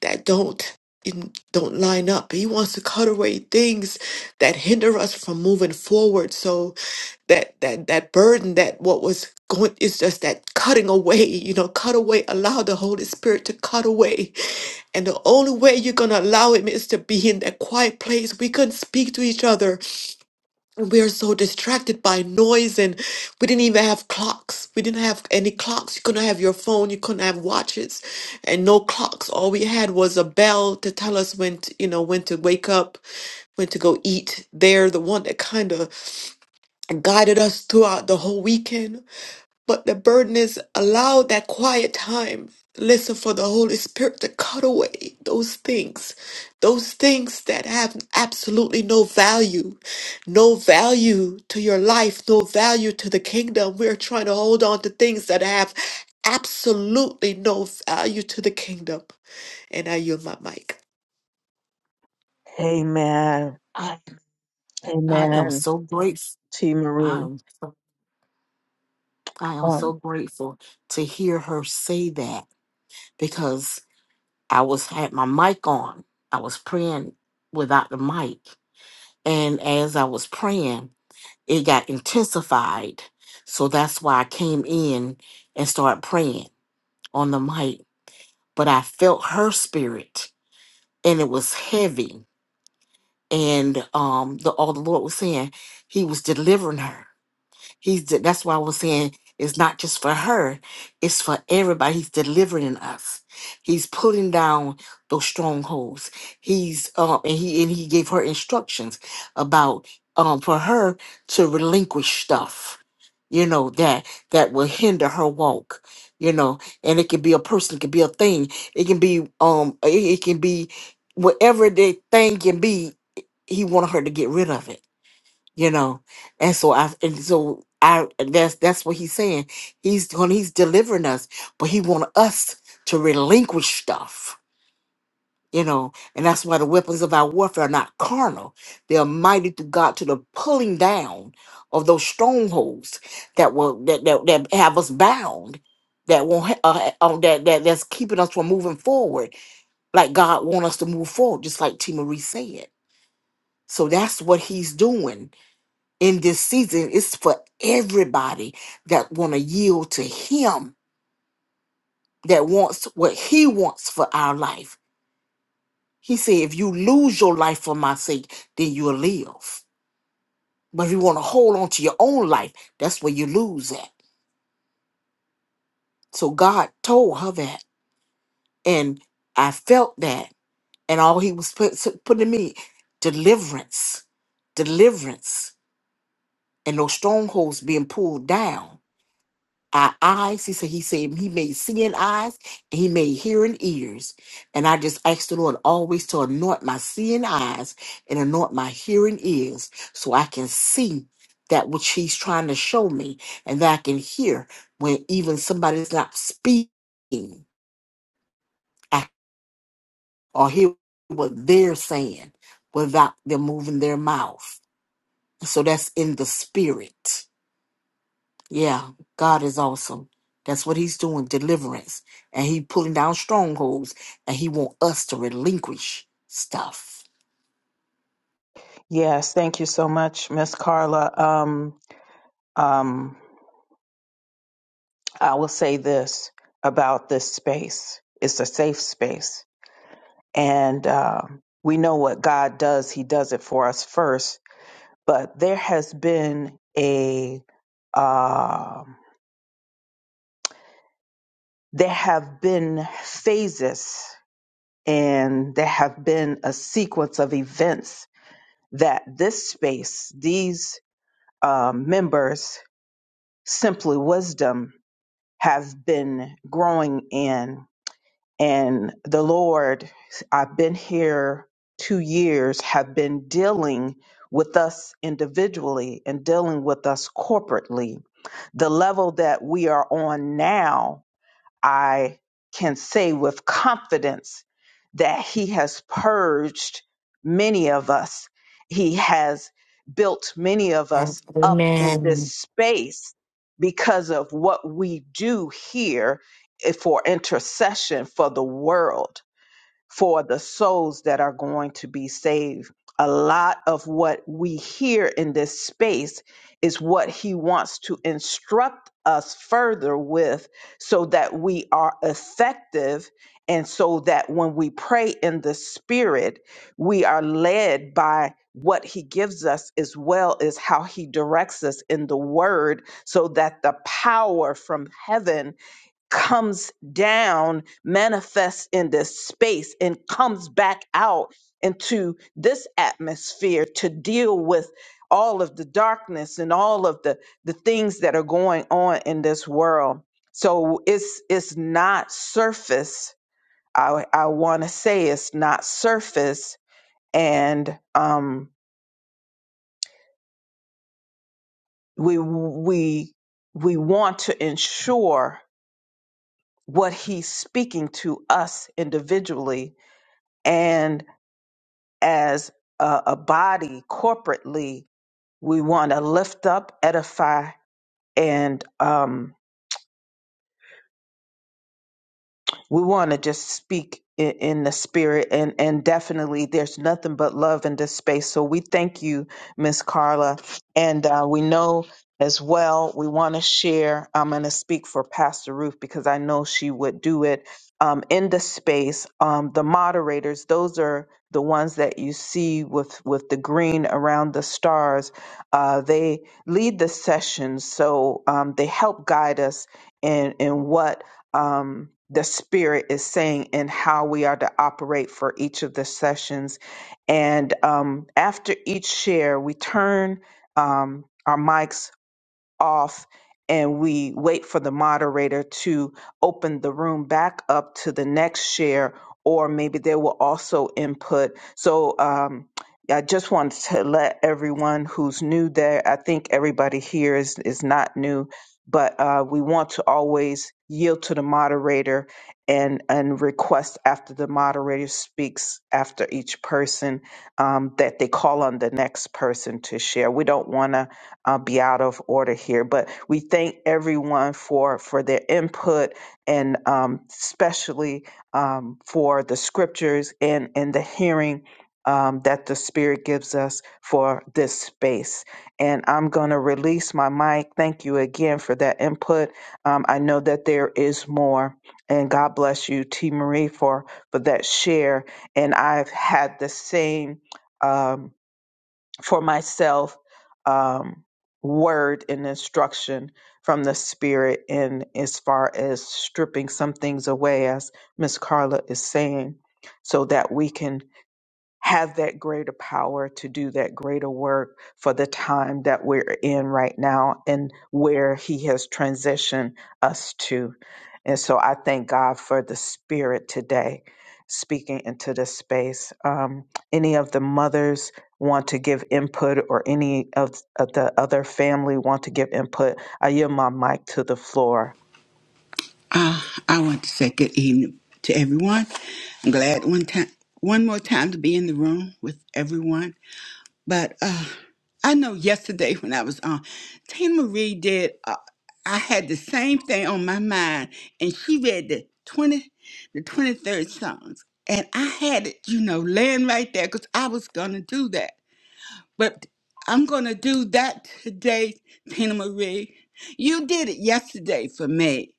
Speaker 2: that don't in- don't line up. He wants to cut away things that hinder us from moving forward. So that that that burden that what was going is just that cutting away, you know, cut away, allow the Holy Spirit to cut away. And the only way you're gonna allow him is to be in that quiet place. We couldn't speak to each other. We are so distracted by noise, and we didn't even have clocks. We didn't have any clocks. You couldn't have your phone. You couldn't have watches, and no clocks. All we had was a bell to tell us when to, you know when to wake up, when to go eat. They're the one that kind of guided us throughout the whole weekend. But the burden is allow that quiet time. Listen for the Holy Spirit to cut away those things, those things that have absolutely no value, no value to your life, no value to the kingdom. We're trying to hold on to things that have absolutely no value to the kingdom. And I yield my mic.
Speaker 3: Amen.
Speaker 6: I, I am
Speaker 3: Amen.
Speaker 6: so grateful.
Speaker 3: T.
Speaker 6: I
Speaker 3: Marie.
Speaker 6: am, so- I am
Speaker 3: Um,
Speaker 6: so grateful to hear her say that because I was had my mic on. I was praying without the mic And as I was praying, it got intensified. So that's why I came in and started praying on the mic. But I felt her spirit and it was heavy. And um the all the Lord was saying he was delivering her. He's de- that's why I was saying it's not just for her, it's for everybody. He's delivering us. He's pulling down those strongholds. He's um and he and he gave her instructions about um for her to relinquish stuff, you know, that that will hinder her walk. You know, and it can be a person, it can be a thing, it can be um it, it can be whatever the thing can be, he wanted her to get rid of it you know and so i and so i that's that's what he's saying he's when he's delivering us but he want us to relinquish stuff you know and that's why the weapons of our warfare are not carnal they are mighty through god to the pulling down of those strongholds that will that that, that have us bound that won't ha- uh, uh, that, that that's keeping us from moving forward like god want us to move forward just like t marie said so that's what he's doing in this season it's for everybody that want to yield to him that wants what he wants for our life he said if you lose your life for my sake then you'll live but if you want to hold on to your own life that's where you lose at so god told her that and i felt that and all he was put, putting me deliverance deliverance and those strongholds being pulled down our eyes. He said, He said He made seeing eyes, and He made hearing ears. And I just asked the Lord always to anoint my seeing eyes and anoint my hearing ears so I can see that which He's trying to show me and that I can hear when even somebody's not speaking I- or hear what they're saying without them moving their mouth. So that's in the spirit. Yeah, God is awesome. That's what he's doing, deliverance. And he pulling down strongholds and he want us to relinquish stuff.
Speaker 3: Yes, thank you so much, Miss Carla. Um, um, I will say this about this space: it's a safe space, and um, we know what God does. He does it for us first. But there has been a um there have been phases, and there have been a sequence of events that this space, these uh, members, simply wisdom have been growing in. And the Lord, I've been here two years, have been dealing with us individually and dealing with us corporately. The level that we are on now I can say with confidence that he has purged many of us. He has built many of us up in
Speaker 9: Amen.
Speaker 3: this space because of what we do here eh, for intercession for the world for the souls that are going to be saved. A lot of what we hear in this space is what he wants to instruct us further with so that we are effective and so that when we pray in the spirit, we are led by what he gives us as well as how he directs us in the word so that the power from heaven comes down, manifests in this space, and comes back out into this atmosphere to deal with all of the darkness and all of the, the things that are going on in this world. So it's it's not surface. I I want to say it's not surface, and um, we we we want to ensure what he's speaking to us individually and. as a, a body corporately we want to lift up edify and um, we want to just speak in, in the spirit and and definitely there's nothing but love in this space so we thank you miss carla and uh, we know as well we want to share i'm going to speak for pastor ruth because i know she would do it um, in the space um, the moderators those are the ones that you see with with the green around the stars uh, they lead the sessions so um, they help guide us in in what um, the Spirit is saying and how we are to operate for each of the sessions. And um, after each share, we turn um, our mics off and we wait for the moderator to open the room back up to the next share, or maybe they will also input. So um, I just wanted to let everyone who's new there, I think everybody here is, is not new, but uh, we want to always yield to the moderator and, and request after the moderator speaks after each person um, that they call on the next person to share. We don't want to uh, be out of order here. But we thank everyone for for their input and um, especially um, for the scriptures and and the hearing. Um, that the Spirit gives us for this space. And I'm going to release my mic. Thank you again for that input. Um, I know that there is more. And God bless you, T. Marie, for, for that share. And I've had the same. Um, for myself um, word and instruction from the spirit in as far as stripping some things away as miss carla is saying so that we can have that greater power to do that greater work for the time that we're in right now and where he has transitioned us to. And so I thank God for the spirit today speaking into this space. Um, any of the mothers want to give input or any of, of the other family want to give input, I yield my mic to the floor.
Speaker 10: Uh, I want to say good evening to everyone. I'm glad one time, one more time to be in the room with everyone. But uh, I know yesterday when I was on, Tina Marie did. Uh, I had the same thing on my mind, and she read the twenty, the twenty third songs, and I had it, you know, laying right there because I was gonna do that. But I'm gonna do that today, Tina Marie. You did it yesterday for me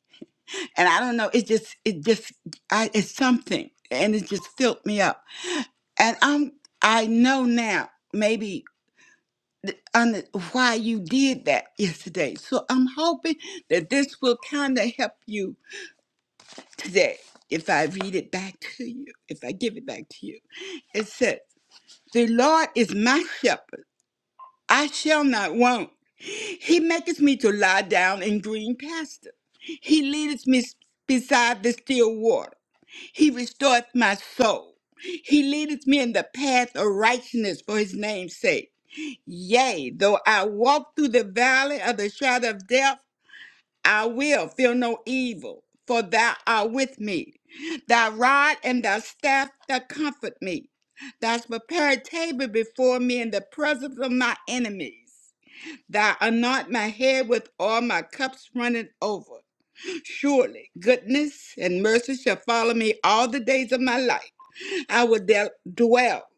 Speaker 10: and I don't know. It just, it just, I, it's something, and it just filled me up. And I'm, I know now, maybe under why you did that yesterday. So I'm hoping that this will kind of help you today. If I read it back to you, if I give it back to you, it says, "The Lord is my shepherd; I shall not want. He maketh me to lie down in green pasture. He leadeth me s- beside the still water." He restoreth my soul. He leadeth me in the path of righteousness for his name's sake. Yea, though I walk through the valley of the shadow of death, I will fear no evil, for thou art with me. Thy rod and thy staff that comfort me. Thou hast prepared a table before me in the presence of my enemies. Thou anoint my head with oil, my cups running over. Surely goodness and mercy shall follow me all the days of my life. I will del- dwell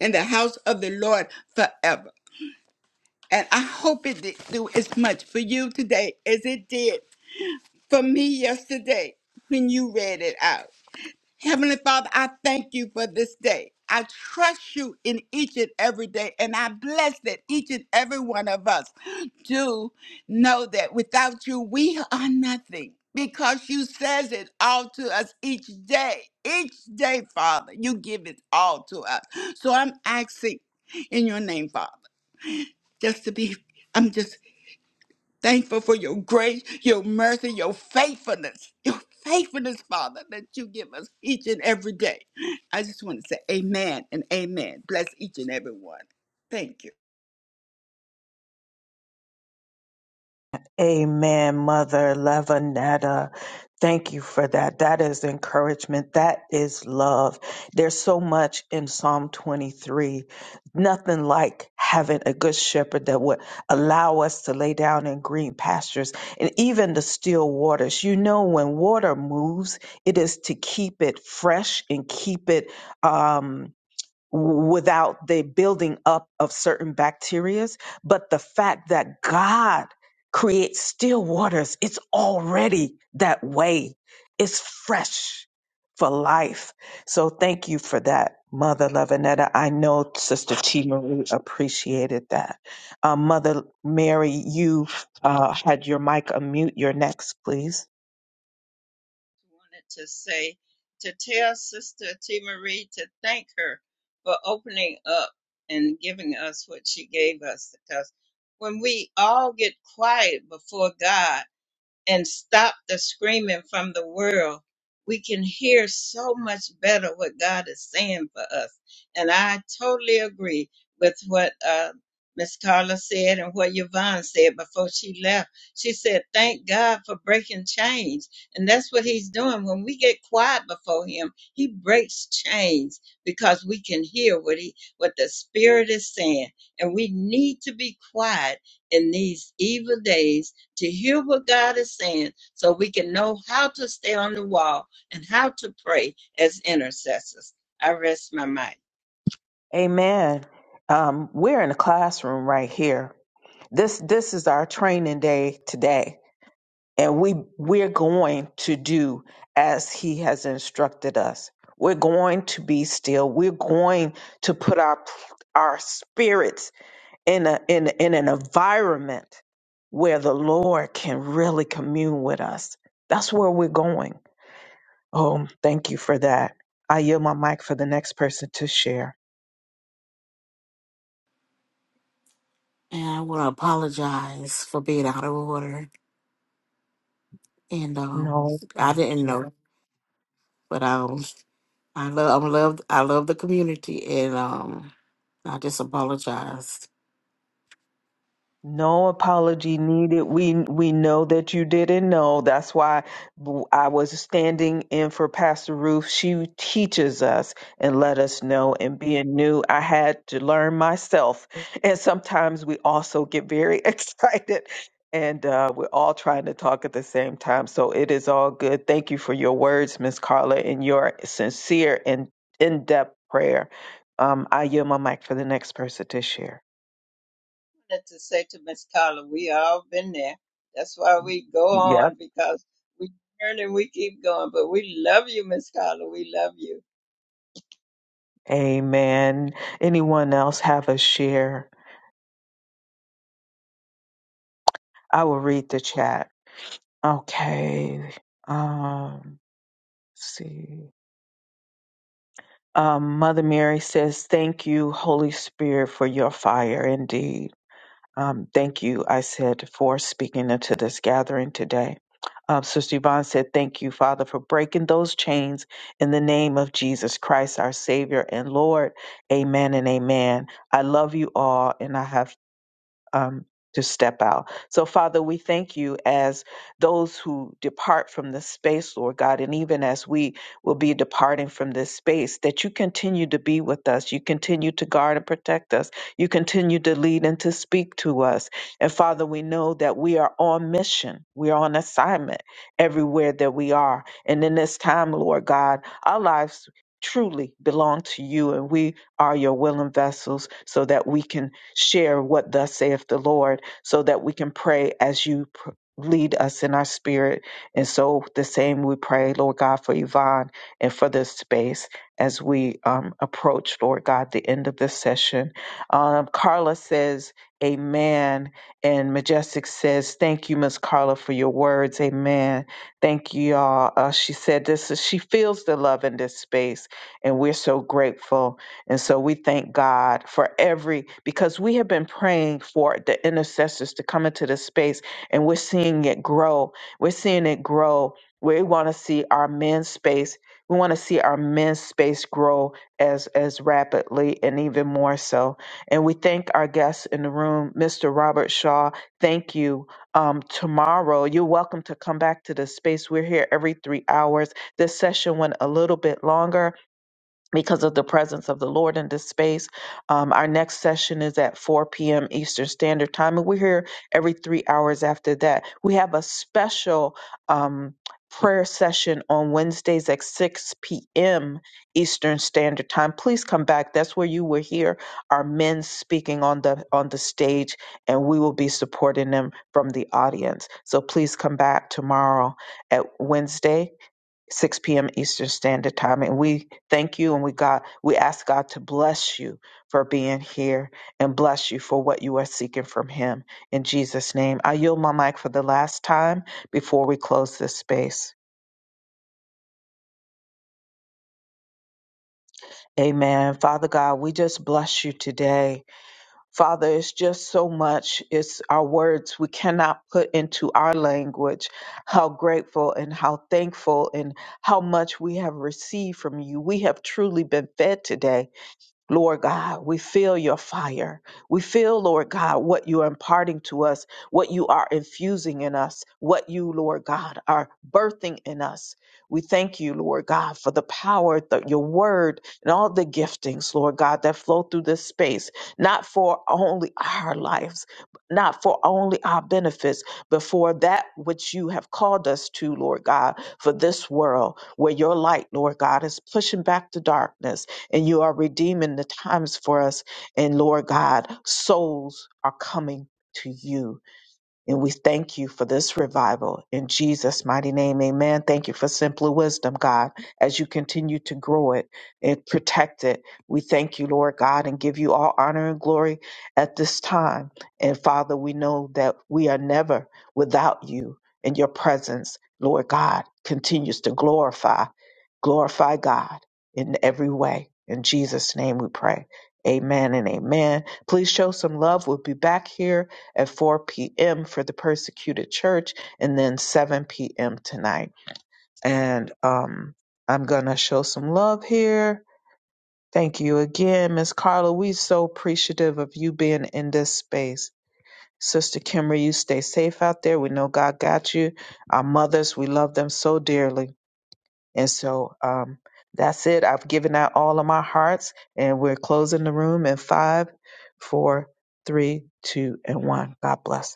Speaker 10: in the house of the Lord forever. And I hope it did do as much for you today as it did for me yesterday when you read it out. Heavenly Father, I thank you for this day. I trust you in each and every day, and I bless that each and every one of us do know that without you, we are nothing because you says it all to us each day. Each day, Father, you give it all to us. So I'm asking in your name, Father, just to be, I'm just Thankful for your grace, your mercy, your faithfulness, your faithfulness, Father, that you give us each and every day. I just want to say amen and amen. Bless each and every one. Thank you.
Speaker 3: Amen, Mother Levinetta. Thank you for that. That is encouragement. That is love. There's so much in Psalm 23. Nothing like having a good shepherd that would allow us to lay down in green pastures and even the still waters. You know, when water moves, it is to keep it fresh and keep it. Um, without the building up of certain bacterias, but the fact that God creates still waters, it's already that way. It's fresh for life. So thank you for that, Mother Lavinetta. I know Sister T. Marie appreciated that. Uh, Mother Mary, you uh, had your mic unmute. You're next, please.
Speaker 1: Wanted to say to tell Sister T Marie to thank her for opening up and giving us what she gave us because when we all get quiet before God and stop the screaming from the world, we can hear so much better what God is saying for us. And I totally agree with what uh, Miss Carla said and what Yvonne said before she left. She said, Thank God for breaking chains. And that's what He's doing. When we get quiet before Him, He breaks chains because we can hear what He what the Spirit is saying. And we need to be quiet in these evil days to hear what God is saying so we can know how to stay on the wall and how to pray as intercessors. I rest my mind.
Speaker 3: Amen. Um, we're in a classroom right here. This this is our training day today, and we we're going to do as he has instructed us. We're going to be still. We're going to put our our spirits in a in in an environment where the Lord can really commune with us. That's where we're going. Oh, thank you for that. I yield my mic for the next person to share.
Speaker 6: And I want to apologize for being out of order. And um
Speaker 3: No
Speaker 6: I didn't
Speaker 3: apology.
Speaker 6: know, but I I love I love I love the community and um I just apologized.
Speaker 3: No apology needed. We we know that you didn't know. That's why I was standing in for Pastor Ruth. She teaches us and let us know. And being new, I had to learn myself. And sometimes we also get very excited, and uh, we're all trying to talk at the same time. So it is all good. Thank you for your words, Miss Carla, and your sincere and in depth prayer. Um, I yield my mic for the next person to share.
Speaker 1: I wanted to say to Miss Carla, we all been there. That's why we go on because we turn and we keep going. But we love you, Miss Carla. We love you.
Speaker 3: Amen. Anyone else have a share? I will read the chat. Okay. Um, let's see. Um, Mother Mary says, Thank you, Holy Spirit, for your fire indeed. Um, thank you, I said, for speaking into this gathering today. Um, Sister Yvonne said, Thank you, Father, for breaking those chains in the name of Jesus Christ, our Savior and Lord. Amen and amen. I love you all, and I have um, to step out. So, Father, we thank you as those who depart from this space, Lord God, and even as we will be departing from this space, that you continue to be with us. You continue to guard and protect us. You continue to lead and to speak to us. And, Father, we know that we are on mission, we are on assignment everywhere that we are. And in this time, Lord God, our lives truly belong to you and we are your willing vessels so that we can share what thus saith the Lord so that we can pray as you pr- lead us in our spirit. And so the same we pray, Lord God, for Yvonne and for this space as we um, approach, Lord God, the end of this session. Um, Carla says, Amen. And Majestic says, Thank you, Miss Carla, for your words. Amen. Thank you, y'all. Uh, she said, This is, she feels the love in this space, and we're so grateful. And so we thank God for every, because we have been praying for the intercessors to come into this space and we're seeing it grow. We're seeing it grow. We want to see our men's space. We want to see our men's space grow as as rapidly and even more so. And we thank our guests in the room, Mr. Robert Shaw. Thank you. Um, tomorrow, you're welcome to come back to the space. We're here every three hours. This session went a little bit longer because of the presence of the Lord in this space. Um, our next session is at 4 p.m. Eastern Standard Time, and we're here every three hours after that. We have a special um, prayer session on Wednesdays at 6 p.m. Eastern Standard Time. Please come back. That's where you will hear our men speaking on the on the stage, and we will be supporting them from the audience. So please come back tomorrow at Wednesday 6 p.m. Eastern Standard Time. And we thank you and we God, we ask God to bless you for being here and bless you for what you are seeking from Him. In Jesus' name, I yield my mic for the last time before we close this space. Amen. Father God, we just bless you today. Father, it's just so much. It's our words we cannot put into our language how grateful and how thankful and how much we have received from you. We have truly been fed today Lord God, we feel your fire. We feel, Lord God, what you are imparting to us, what you are infusing in us, what you, Lord God, are birthing in us. We thank you, Lord God, for the power, the, your word, and all the giftings, Lord God, that flow through this space, not for only our lives, not for only our benefits, but for that which you have called us to, Lord God, for this world where your light, Lord God, is pushing back the darkness and you are redeeming the times for us. And Lord God, souls are coming to you. And we thank you for this revival in Jesus' mighty name. Amen. Thank you for simple wisdom, God, as you continue to grow it and protect it. We thank you, Lord God, and give you all honor and glory at this time. And Father, we know that we are never without you and your presence, Lord God, continues to glorify glorify God in every way. In Jesus' name we pray. Amen and amen. Please show some love. We'll be back here at 4 p.m. for the persecuted church and then 7 p.m. tonight. And um, I'm going to show some love here. Thank you again, Miss Carla. we so appreciative of you being in this space. Sister Kimber, you stay safe out there. We know God got you. Our mothers, we love them so dearly. And so um, that's it. I've given out all of my hearts, and we're closing the room in five, four, three, two, and one. God bless.